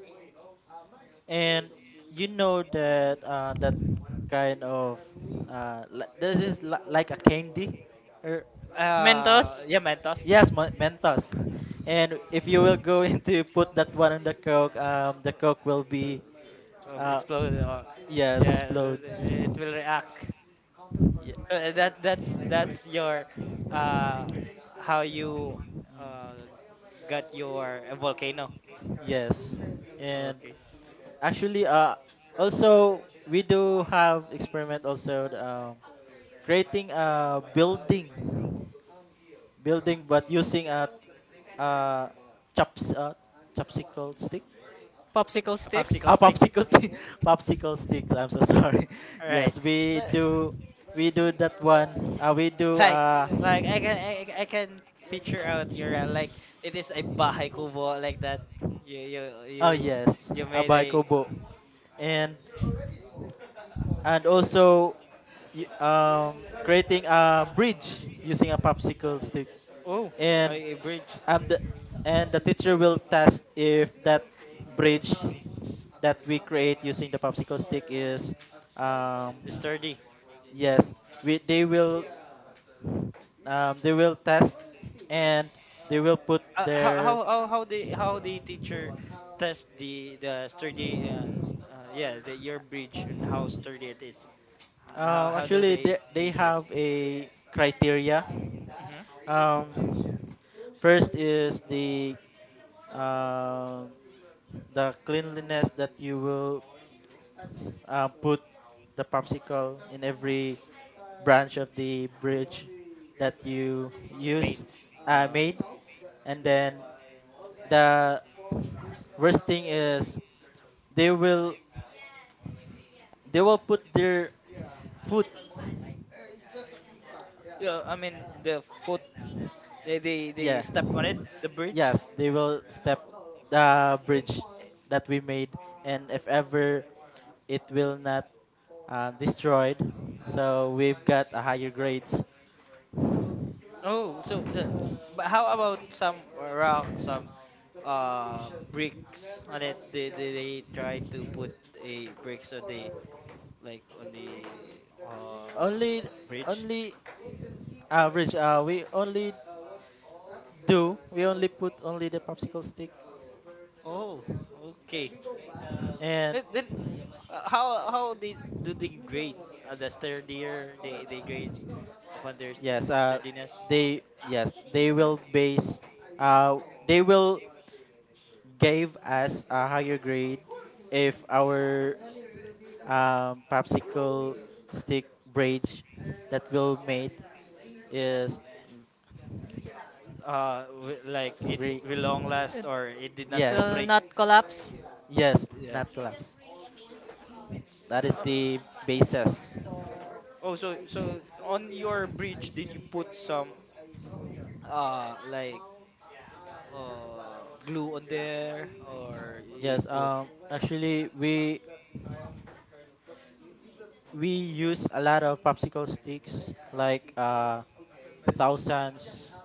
Speaker 3: and you know that uh that kind of uh li- this is li- like a candy, or
Speaker 1: Mentos,
Speaker 2: Uh yeah mentos.
Speaker 3: yes, Ma- Mentos. And if you will go into put that one on the Coke, um, the Coke will
Speaker 2: It
Speaker 3: be
Speaker 2: will uh, uh,
Speaker 3: uh
Speaker 2: explode or
Speaker 3: yes
Speaker 2: yeah,
Speaker 3: explode.
Speaker 2: it will react. So,
Speaker 3: Yeah.
Speaker 2: Uh, that that's that's your uh how you
Speaker 3: Mm.
Speaker 2: uh got your uh, volcano,
Speaker 3: Yes, and
Speaker 2: okay.
Speaker 3: actually, uh, also we do have experiment also the, um, creating a building, building, but using a uh, chops uh, chopsicle stick.
Speaker 1: popsicle
Speaker 2: A
Speaker 1: sticks.
Speaker 3: Ah,
Speaker 2: popsicle stick,
Speaker 3: popsicle, t- popsicle sticks. I'm so sorry.
Speaker 2: all
Speaker 3: Yes,
Speaker 2: right.
Speaker 3: we do, we do that one. Uh, we do
Speaker 2: Like,
Speaker 3: uh,
Speaker 2: like I can I, I I can picture out your uh, like, it is a bahay kubo like that. you you
Speaker 3: Oh
Speaker 2: you
Speaker 3: yes,
Speaker 2: you
Speaker 3: a
Speaker 2: made
Speaker 3: bike.
Speaker 2: a,
Speaker 3: And and also y- um, creating a bridge using a popsicle stick.
Speaker 2: oh,
Speaker 3: and
Speaker 2: a, a bridge
Speaker 3: um, the and the teacher will test if that bridge that we
Speaker 2: is
Speaker 3: create using the popsicle stick is um,
Speaker 2: sturdy.
Speaker 3: yes, we they will, um, they will test, and they will put
Speaker 2: Uh, how
Speaker 3: their...
Speaker 2: how how how the how the teacher test the the sturdy uh, s- uh yeah the your bridge and how sturdy it is. H-
Speaker 3: Uh,
Speaker 2: How how
Speaker 3: actually,
Speaker 2: do
Speaker 3: they,
Speaker 2: they
Speaker 3: they
Speaker 2: they
Speaker 3: have
Speaker 2: test?
Speaker 3: a criteria.
Speaker 2: Hmm.
Speaker 3: Um, First is the um the cleanliness, that you will uh, put the popsicle in every branch of the bridge that you use,
Speaker 2: Made.
Speaker 3: uh, made.
Speaker 2: uh
Speaker 3: And then the worst thing is, they will they will put their foot.
Speaker 2: Yeah, I mean the foot, they they,
Speaker 3: Yeah.
Speaker 2: they step on it, the bridge.
Speaker 3: Yes, they will step the bridge that we made, and if ever it will not, uh, destroyed, so we've got a higher grades.
Speaker 2: Oh, so the, but how about some rock, some uh bricks on it? Did did they try to put a bricks on the, like on the uh
Speaker 3: Only,
Speaker 2: bridge.
Speaker 3: only average. Uh, we only do. We only put only the popsicle stick,
Speaker 2: Oh, okay.
Speaker 3: and
Speaker 2: Then, then uh, how how they do the grades? Uh, the sturdier they they grades upon their
Speaker 3: yes.
Speaker 2: st-
Speaker 3: Uh,
Speaker 2: sturdiness.
Speaker 3: they, yes, they will base. Uh, they will give us a higher grade if our um, popsicle stick bridge that will made is
Speaker 2: Uh, wi- like, it
Speaker 3: re-
Speaker 2: will long
Speaker 1: It
Speaker 2: last or it did not
Speaker 3: yes,
Speaker 1: will
Speaker 2: break.
Speaker 1: not collapse.
Speaker 3: yes, not
Speaker 2: Yeah.
Speaker 3: collapse. That is
Speaker 2: So,
Speaker 3: the basis.
Speaker 2: Oh, so so on your bridge, did you put some uh like uh glue on there, or
Speaker 3: Yes.
Speaker 2: you put?
Speaker 3: Um actually, we we use a lot of popsicle sticks like uh thousands,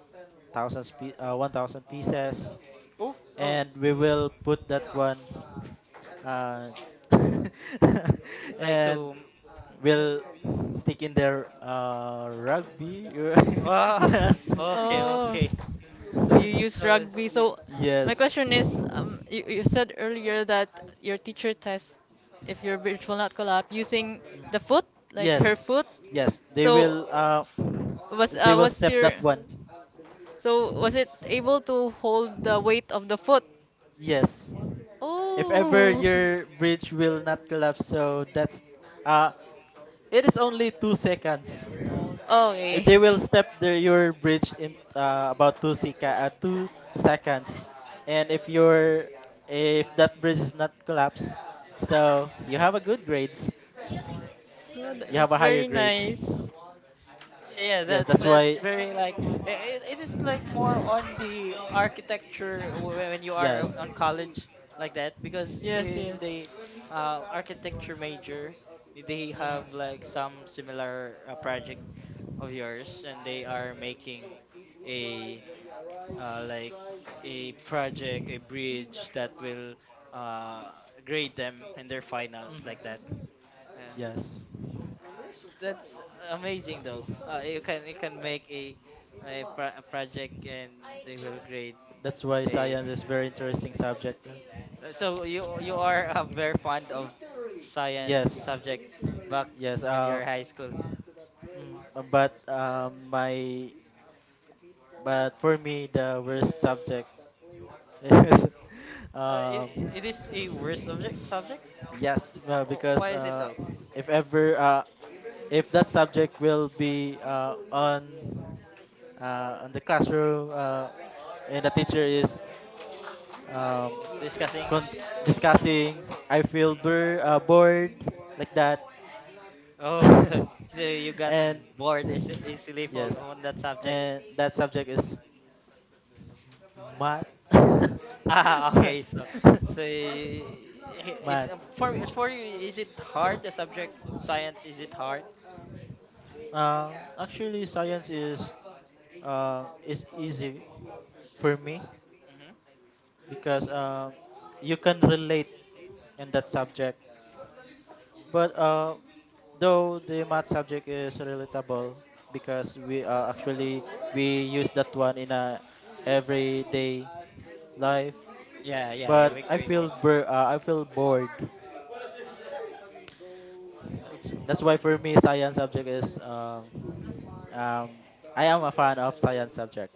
Speaker 3: thousands pe- uh, a thousand pieces,
Speaker 2: oh oh
Speaker 3: and we will
Speaker 2: eh,
Speaker 3: put that one uh,
Speaker 2: like
Speaker 3: and
Speaker 2: to, mm-hmm.
Speaker 3: we'll stick in there, uh, rugby.
Speaker 2: ah,
Speaker 3: yes.
Speaker 2: okay,
Speaker 1: Oh,
Speaker 2: okay,
Speaker 1: so you use
Speaker 2: so
Speaker 1: rugby. So
Speaker 2: see.
Speaker 1: my
Speaker 3: yes.
Speaker 1: question is, um, you, you said earlier that your teacher tests if your bridge will not collapse using
Speaker 3: Mm.
Speaker 1: the foot, like her
Speaker 3: Yes.
Speaker 1: foot.
Speaker 3: Yes, they will,
Speaker 1: So
Speaker 3: uh,
Speaker 1: was
Speaker 3: they
Speaker 1: uh,
Speaker 3: will
Speaker 1: was
Speaker 3: step
Speaker 1: your
Speaker 3: that one.
Speaker 1: so was it able to hold the weight of the foot?
Speaker 3: Yes, if ever
Speaker 1: Oh,
Speaker 3: your bridge will not collapse, so that's, uh it is only two seconds. Uh,
Speaker 1: okay.
Speaker 3: They will step the, your bridge in uh, about two seca- uh, two seconds, and if your, if that bridge is not collapsed, so you have a good grades,
Speaker 1: Oh, tha-
Speaker 3: you have
Speaker 1: that's
Speaker 3: a higher
Speaker 1: very
Speaker 3: grades.
Speaker 1: nice.
Speaker 2: Yeah, yeah,
Speaker 3: Yes,
Speaker 2: that
Speaker 3: that's why.
Speaker 2: that's very like, eh, it, it is like more on the architecture wh- when you are
Speaker 3: Yes.
Speaker 2: on college, like that, because
Speaker 1: Yes, yes.
Speaker 2: in the uh, architecture major, they
Speaker 3: Mm,
Speaker 2: have like some similar uh, project of yours, and they are making a, uh, like a project, a bridge that will uh, grade them in their
Speaker 3: mhm.
Speaker 2: finals like that. uh,
Speaker 3: Yes.
Speaker 2: y- that's amazing though, uh, you can, you can make a a, pro- a project, and they will grade
Speaker 3: That's why science
Speaker 2: a.
Speaker 3: is very interesting subject. No?
Speaker 2: Uh, so you you are uh, very fond of science
Speaker 3: Yes.
Speaker 2: subject back
Speaker 3: Yes.
Speaker 2: when
Speaker 3: Uh,
Speaker 2: you're high school.
Speaker 3: mm, uh, but um, my but for me the worst subject is...
Speaker 2: Uh, it,
Speaker 3: um,
Speaker 2: it is a worse subject subject.
Speaker 3: yes, well,
Speaker 2: Wh-
Speaker 3: because
Speaker 2: why is
Speaker 3: uh,
Speaker 2: it though?
Speaker 3: if ever uh, if that subject will be uh, on uh, on the classroom,
Speaker 1: Uh,
Speaker 3: uh, and the teacher is, um,
Speaker 2: Discussing.
Speaker 3: con- discussing, I feel
Speaker 2: Mhm.
Speaker 3: bur- uh, bored, like that.
Speaker 2: Oh, so so you got
Speaker 3: and
Speaker 2: bored eas- easily
Speaker 3: yes,
Speaker 2: from on that subject.
Speaker 3: and that subject is math.
Speaker 2: Ah,
Speaker 3: math.
Speaker 2: okay. So so y-
Speaker 3: math.
Speaker 2: it, um, for for you, is it hard the subject? Science, is it hard?
Speaker 3: Uh, actually, science is uh, is easy for me,
Speaker 2: Hmm.
Speaker 3: because um, you can relate in that subject. But uh, though the math subject is relatable, because we, uh, actually, we use that one in a everyday life,
Speaker 2: Yeah, yeah.
Speaker 3: but
Speaker 2: eh, We,
Speaker 3: I
Speaker 2: we,
Speaker 3: feel
Speaker 2: we-
Speaker 3: bur- uh, I feel bored. Th-
Speaker 2: it's,
Speaker 3: That's why
Speaker 2: uh,
Speaker 3: for me science subject is um, um, I am a fan of science subject.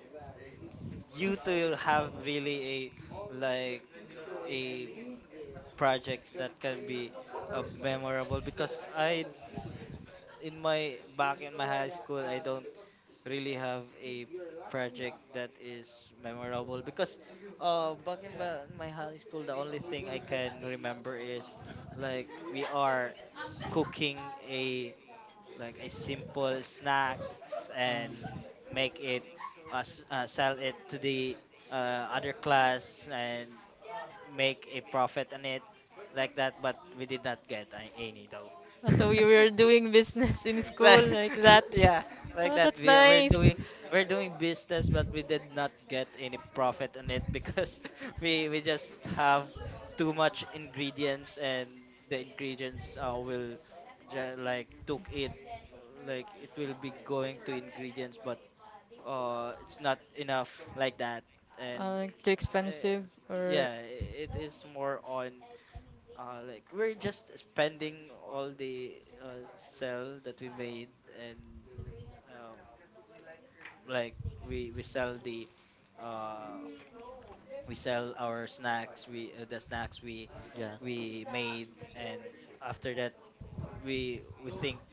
Speaker 2: you to have really a like a projects that can be uh, memorable, because I, in my back in my high school, I don't really have a project that is memorable because uh back in ba- my high school, the only thing I can remember is like we are cooking a like a simple snacks and
Speaker 3: Mm,
Speaker 2: make it uh, s- uh sell it to the uh, other class and make a profit on it like that, but we did not get a- any though.
Speaker 1: so you were doing business in school
Speaker 2: Like,
Speaker 1: like that.
Speaker 2: yeah,
Speaker 1: Oh,
Speaker 2: like that.
Speaker 1: that's
Speaker 2: We we're
Speaker 1: nice.
Speaker 2: doing we're doing business, but we did not get any profit on it because we we just have too much ingredients, and the ingredients uh, will ju- like took it, uh, like it will be going to ingredients, but uh, it's not enough like that,
Speaker 1: Uh,
Speaker 2: and
Speaker 1: like too
Speaker 2: uh,
Speaker 1: expensive or
Speaker 2: yeah, it is more on uh, like we're just spending all the uh, sell that we made, and, um, like we we sell the uh, we sell our snacks, we uh, the snacks we
Speaker 3: yeah,
Speaker 2: we made, and after that, we we think,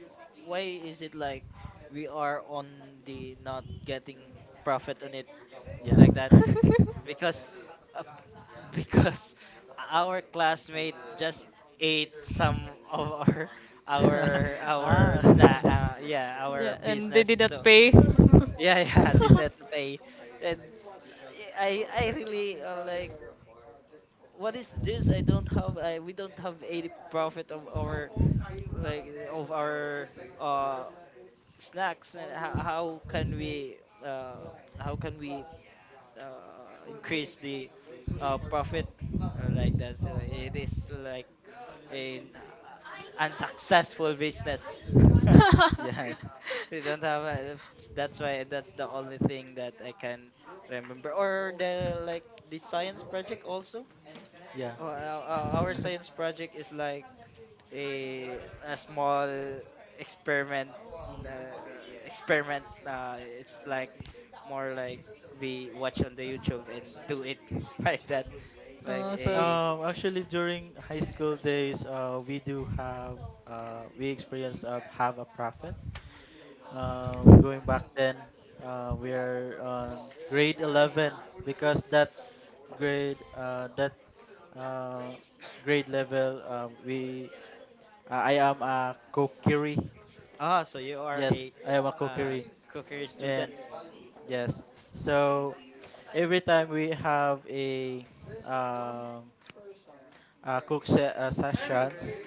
Speaker 2: why is it like we are on the not getting profit on it
Speaker 3: yeah.
Speaker 2: like that, because uh, because our classmate just ate some of our our
Speaker 3: ah.
Speaker 2: our sna- uh, yeah
Speaker 1: Yeah,
Speaker 2: our
Speaker 1: and they
Speaker 2: business,
Speaker 1: did not
Speaker 2: so
Speaker 1: pay.
Speaker 2: yeah, yeah, did not pay. And i i I really, uh, like, what is this, I don't have, I, we don't have any profit of our, like of our, uh snacks. And how, how can we uh how can we uh, increase the uh, profit, uh, like that. So it is like an uh, unsuccessful business.
Speaker 3: yes.
Speaker 2: We don't have a, that's why, that's the only thing that I can remember. Or the, like the science project also.
Speaker 3: Yeah.
Speaker 2: Uh, uh, our our science project is like a a small experiment,
Speaker 3: Mm.
Speaker 2: uh, experiment, uh, it's like more like we watch on the youtube and do it like that, like
Speaker 1: Oh, so
Speaker 2: a.
Speaker 3: Um, actually, during high school days, uh, we do have, uh, we experienced, uh, have a prophet. Uh, going back then, uh, we're on grade eleven, because that grade, uh, that, uh, grade level, uh, we, I I am a kokiri.
Speaker 2: Ah, so you are
Speaker 3: Yes,
Speaker 2: a,
Speaker 3: I am a
Speaker 2: uh,
Speaker 3: kokiri,
Speaker 2: cookery
Speaker 3: and
Speaker 2: student.
Speaker 3: yes. So every time we have a um a cook se- uh, sessions,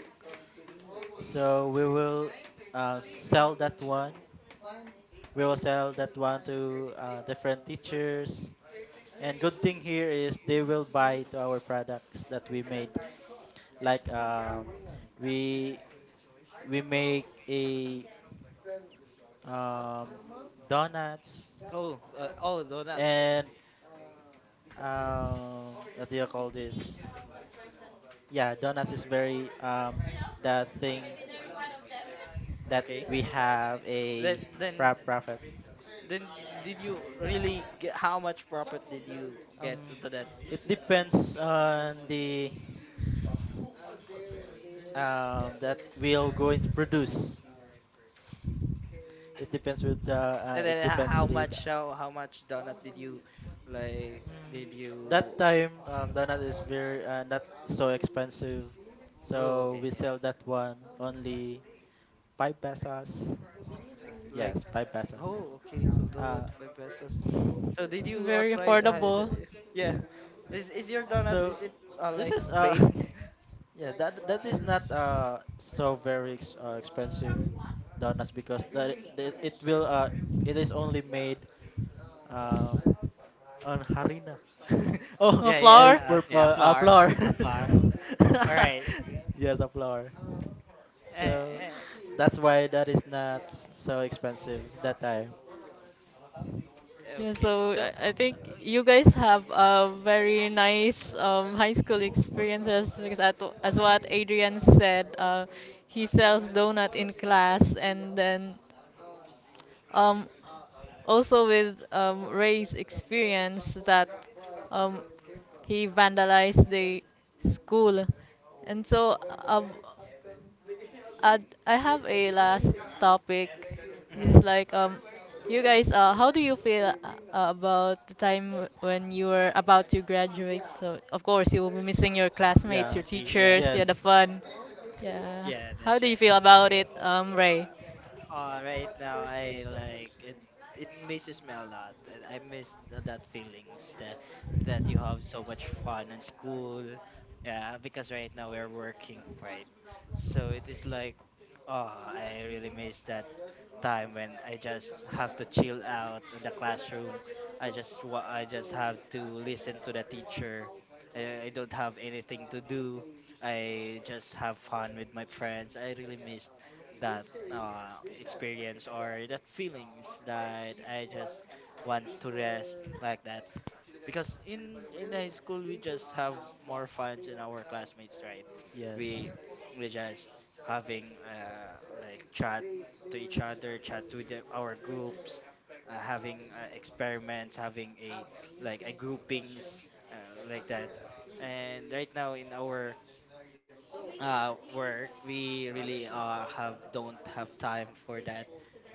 Speaker 3: so we will, uh, s- sell that one. We will sell that one to uh, different teachers. And good thing here is they will buy to our products that we made. Like, um, we we make a, um, donuts,
Speaker 2: Oh, uh, oh, no, that,
Speaker 3: and, um, what do you call this? Yeah, donuts is very um the thing that
Speaker 2: okay.
Speaker 3: we have a
Speaker 2: Then, then,
Speaker 3: fra- profit.
Speaker 2: then, did you really get? How much profit did you get
Speaker 3: Um,
Speaker 2: into that?
Speaker 3: it depends on the um that we'll going to produce. It depends with the, uh,
Speaker 2: And
Speaker 3: it
Speaker 2: then, h-
Speaker 3: depends to
Speaker 2: how
Speaker 3: the the-
Speaker 2: much, how, how much donut did you, like,
Speaker 3: Mm,
Speaker 2: did
Speaker 3: that
Speaker 2: you?
Speaker 3: time, um, donut is very uh, not so expensive,
Speaker 2: Oh,
Speaker 3: so we
Speaker 2: okay, yeah.
Speaker 3: sell that one only five pesos.
Speaker 2: Like, like,
Speaker 3: Yes, five pesos.
Speaker 2: oh, okay. So
Speaker 3: Uh,
Speaker 2: donut five pesos. So did you uh,
Speaker 1: very
Speaker 2: try? Uh,
Speaker 1: affordable.
Speaker 2: the- yeah. Is is your donut?
Speaker 3: so
Speaker 2: Is it uh,
Speaker 3: this
Speaker 2: like
Speaker 3: is uh...
Speaker 2: baked?
Speaker 3: yeah, that that is not uh so very ex- uh, expensive donuts, because that it, it will uh it is only made uh on harina. oh,
Speaker 1: A
Speaker 2: Yeah,
Speaker 3: all
Speaker 1: flower?
Speaker 2: yeah. Okay, a
Speaker 3: purpose uh,
Speaker 2: flower,
Speaker 3: flour.
Speaker 2: a flower. All right.
Speaker 3: yes, a flour.
Speaker 2: Uh,
Speaker 3: So
Speaker 2: uh,
Speaker 3: that's why that is not so expensive that time.
Speaker 1: Yeah, so
Speaker 2: okay.
Speaker 1: I
Speaker 2: So,
Speaker 1: I think you guys have a very nice um, high school experiences because at, as what Adrian said, uh, he sells donut in class, and then um, also with um, Ray's experience that um, he vandalized the school, and so um, and I have a last topic. This is
Speaker 2: mm
Speaker 1: like um, you guys, uh, how do you feel uh, about the time when you were about to graduate? So of course you will be missing your classmates,
Speaker 3: Yeah.
Speaker 1: your
Speaker 2: yeah,
Speaker 1: teachers, yeah, the
Speaker 3: Yes.
Speaker 1: fun. Yeah.
Speaker 2: yeah,
Speaker 1: How
Speaker 2: that's
Speaker 1: do you
Speaker 2: right.
Speaker 1: feel about it, um, Ray?
Speaker 2: Uh, right now, I like it. It misses me a lot, and I miss th- that feelings that that you have so much fun in school. Yeah, because right now we're working, right? So it is like, oh, I really miss that time when I just have to chill out in the classroom. I just wa- I just have to listen to the teacher. I, I don't have anything to do. I just have fun with my friends. I really missed that, uh, experience, or that feelings that I just want to rest like that, because in in high school we just have more fun in our classmates, right?
Speaker 3: Yes.
Speaker 2: we we just having uh like chat to each other, chat to the, our groups, uh, having uh, experiments, having a like a groupings, uh, like that. And right now in our uh work, we really uh have don't have time for that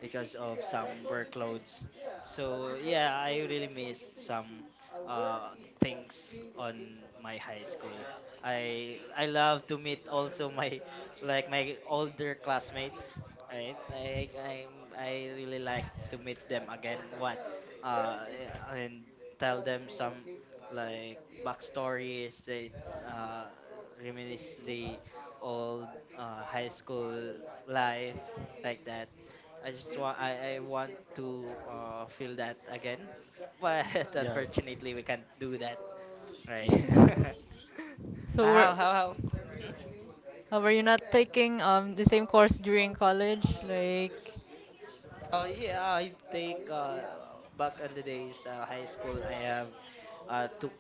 Speaker 2: because of some workloads. So yeah, I really missed some uh things on my high school. I i love to meet also my like my older classmates, right, i i, I really like to meet them again, what, uh and tell them some like backstories, they uh reminisce the old uh, high school life like that. I just want I, I want to uh, feel that again, but
Speaker 3: Yes.
Speaker 2: unfortunately we can't do that, right?
Speaker 3: Yes.
Speaker 1: So were
Speaker 2: how how how? Hmm.
Speaker 1: uh, were you not taking um the same course during college, like?
Speaker 2: Oh yeah, I take uh, back in the days, uh, high school. I have, uh, took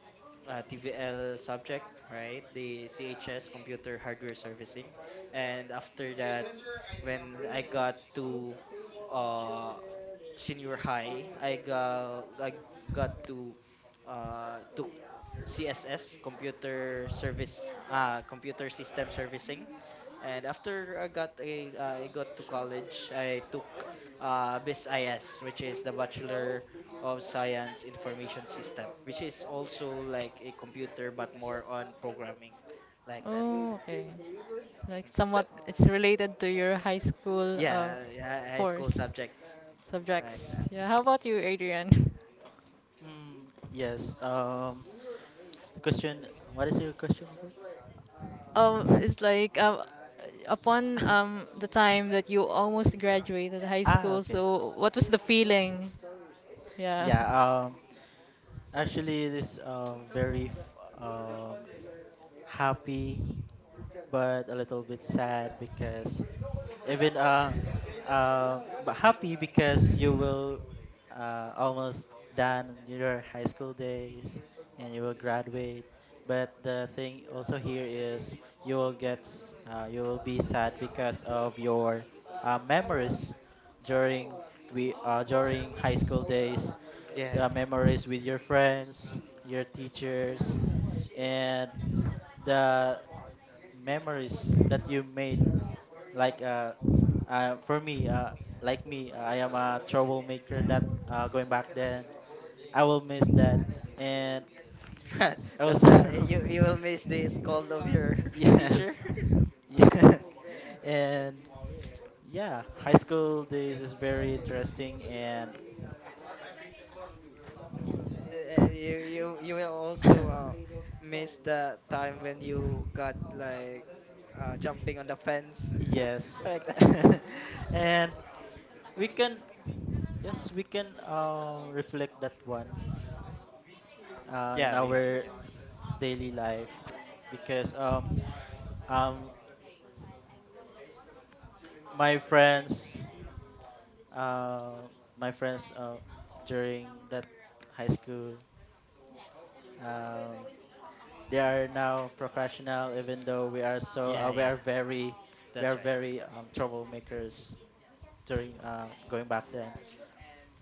Speaker 2: uh, T V L subject, right? The C H S computer hardware servicing. And after that, when I got to uh, senior high, I got I got to uh took C S S computer service uh computer system servicing. And after I got a, uh, I got to college, I took uh B S I S, which is the Bachelor of Science Information System, which is also like a computer but more on programming, like that.
Speaker 1: Oh, okay. Like
Speaker 2: Mhm. So
Speaker 1: somewhat it's related to your high school uh,
Speaker 2: yeah, yeah, high school
Speaker 1: course
Speaker 2: subjects like
Speaker 1: subjects.
Speaker 2: that.
Speaker 1: Yeah, how about you, Adrian?
Speaker 3: Mm, yes. Um The question, what is your question
Speaker 1: Um,
Speaker 3: again?
Speaker 1: it's like um, upon um the time that you almost graduated high
Speaker 3: ah,
Speaker 1: school,
Speaker 3: okay.
Speaker 1: so what was the feeling? Yeah.
Speaker 3: Yeah, um actually this uh very f- um happy, but a little bit sad, because even uh, uh, but happy, because you will uh, almost done in your high school days, and you will graduate. But the thing also here is you will get s- uh, you will be sad, because of your, uh, memories during, we uh, during high school days,
Speaker 2: Yeah.
Speaker 3: the memories with your friends, your teachers, and the memories that you made, like uh, uh for me, uh like me uh, I am a troublemaker that uh going back then. I will miss that, and
Speaker 2: That, that, eh,
Speaker 3: also...
Speaker 2: you you will miss the scold of your teacher.
Speaker 3: yes. Yes. And yeah, high school days is very interesting. And
Speaker 2: Uh, uh, you, you you will also uh, miss the time when you got like uh, jumping on the fence
Speaker 3: yes.
Speaker 2: like that.
Speaker 3: and we can, yes, we can uh reflect that one uh, in
Speaker 2: Yeah, we got
Speaker 3: our
Speaker 2: Yeah,
Speaker 3: daily life, because um um my friends, uh, my friends uh, during that high school, um they are now professional, even though we are so
Speaker 2: yeah,
Speaker 3: uh, we
Speaker 2: yeah.
Speaker 3: are very, we
Speaker 2: That's
Speaker 3: are
Speaker 2: right.
Speaker 3: very um, troublemakers, during uh, going back then.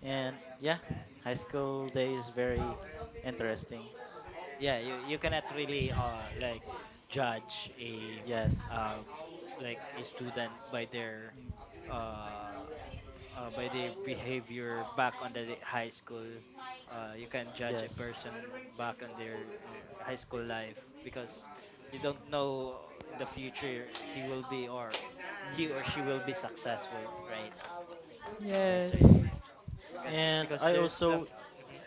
Speaker 3: And yeah, high school day is very interesting.
Speaker 2: Yeah, you, you cannot really uh like judge a
Speaker 3: Yes.
Speaker 2: uh like a student by their
Speaker 3: Mm,
Speaker 2: uh, uh by their behavior back on the high school. Uh, you can judge a
Speaker 3: yes.
Speaker 2: person back on their uh, high school life, because you don't know in the future he will be, or he or
Speaker 3: Mm.
Speaker 2: she will be successful, right? That's
Speaker 1: Yes.
Speaker 2: right. Because
Speaker 3: And
Speaker 2: because
Speaker 3: I
Speaker 2: there's some,
Speaker 3: also,
Speaker 2: mhm.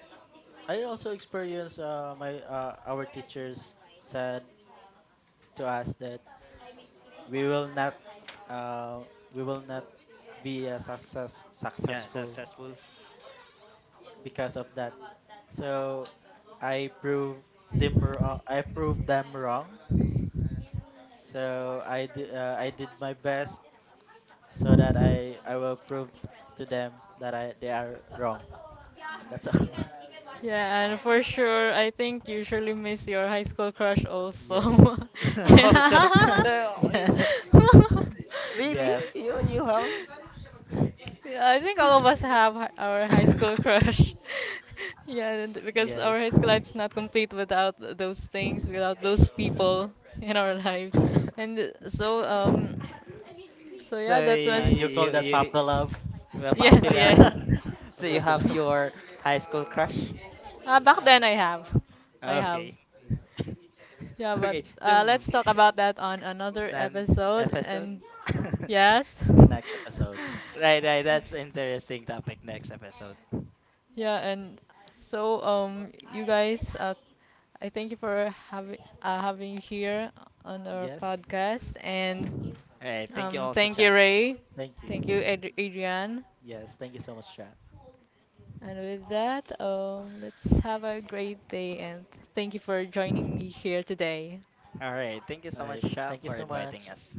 Speaker 3: I also experienced uh, my uh, our teachers said to us that we will not, uh, we will not be uh, success,
Speaker 2: Yeah,
Speaker 3: successful
Speaker 2: successful.
Speaker 3: because of that. So I proved them wrong. I proved them wrong. So I d- uh, I did my best, so that I I will prove to them that I, they are wrong. That's all.
Speaker 1: Yeah,
Speaker 2: uh,
Speaker 1: and for sure, I think you surely miss your high school crush also.
Speaker 3: yes.
Speaker 2: oh, so,
Speaker 1: Yeah.
Speaker 2: so uh, it's,
Speaker 3: yes.
Speaker 2: really?
Speaker 3: yes.
Speaker 2: You you have?
Speaker 1: Yeah, I think all of us have hi- our high school crush. Yeah, and because our high
Speaker 3: Yes.
Speaker 1: school life's not complete without those things, without those people in our lives. And so, um, so
Speaker 2: So
Speaker 1: yeah, that was
Speaker 3: and you call
Speaker 2: you
Speaker 3: that Papa
Speaker 2: you
Speaker 3: Love?
Speaker 2: were
Speaker 1: yes,
Speaker 2: popular.
Speaker 1: yeah.
Speaker 3: A
Speaker 2: So you
Speaker 3: Puppy
Speaker 2: have
Speaker 3: Love.
Speaker 2: your high school crush?
Speaker 1: Uh, back then I
Speaker 3: Mm,
Speaker 1: have, I have.
Speaker 2: Okay.
Speaker 3: yeah.
Speaker 1: Yeah, but
Speaker 2: Okay.
Speaker 1: uh,
Speaker 2: So
Speaker 1: let's talk about that on another
Speaker 2: then,
Speaker 1: episode.
Speaker 2: episode.
Speaker 1: And yes,
Speaker 3: In the next episode.
Speaker 2: Right, right. That's interesting topic next episode.
Speaker 1: yeah, and so um, you guys, uh, I thank you for having uh, having here on our
Speaker 3: Yes.
Speaker 1: podcast, and
Speaker 2: All right. Thank you
Speaker 1: um,
Speaker 2: also,
Speaker 1: thank
Speaker 2: chat.
Speaker 1: you Ray,
Speaker 3: Thank you.
Speaker 1: thank you Ad- Adrian,
Speaker 3: Yes. Thank you so much, Jack.
Speaker 1: and with that, um, let's have a great day, and thank you for joining me here today.
Speaker 2: All right. Thank you
Speaker 3: All
Speaker 2: so much,
Speaker 3: right.
Speaker 2: chat,
Speaker 3: Thank you
Speaker 2: for
Speaker 3: so
Speaker 2: inviting
Speaker 3: much.
Speaker 2: us.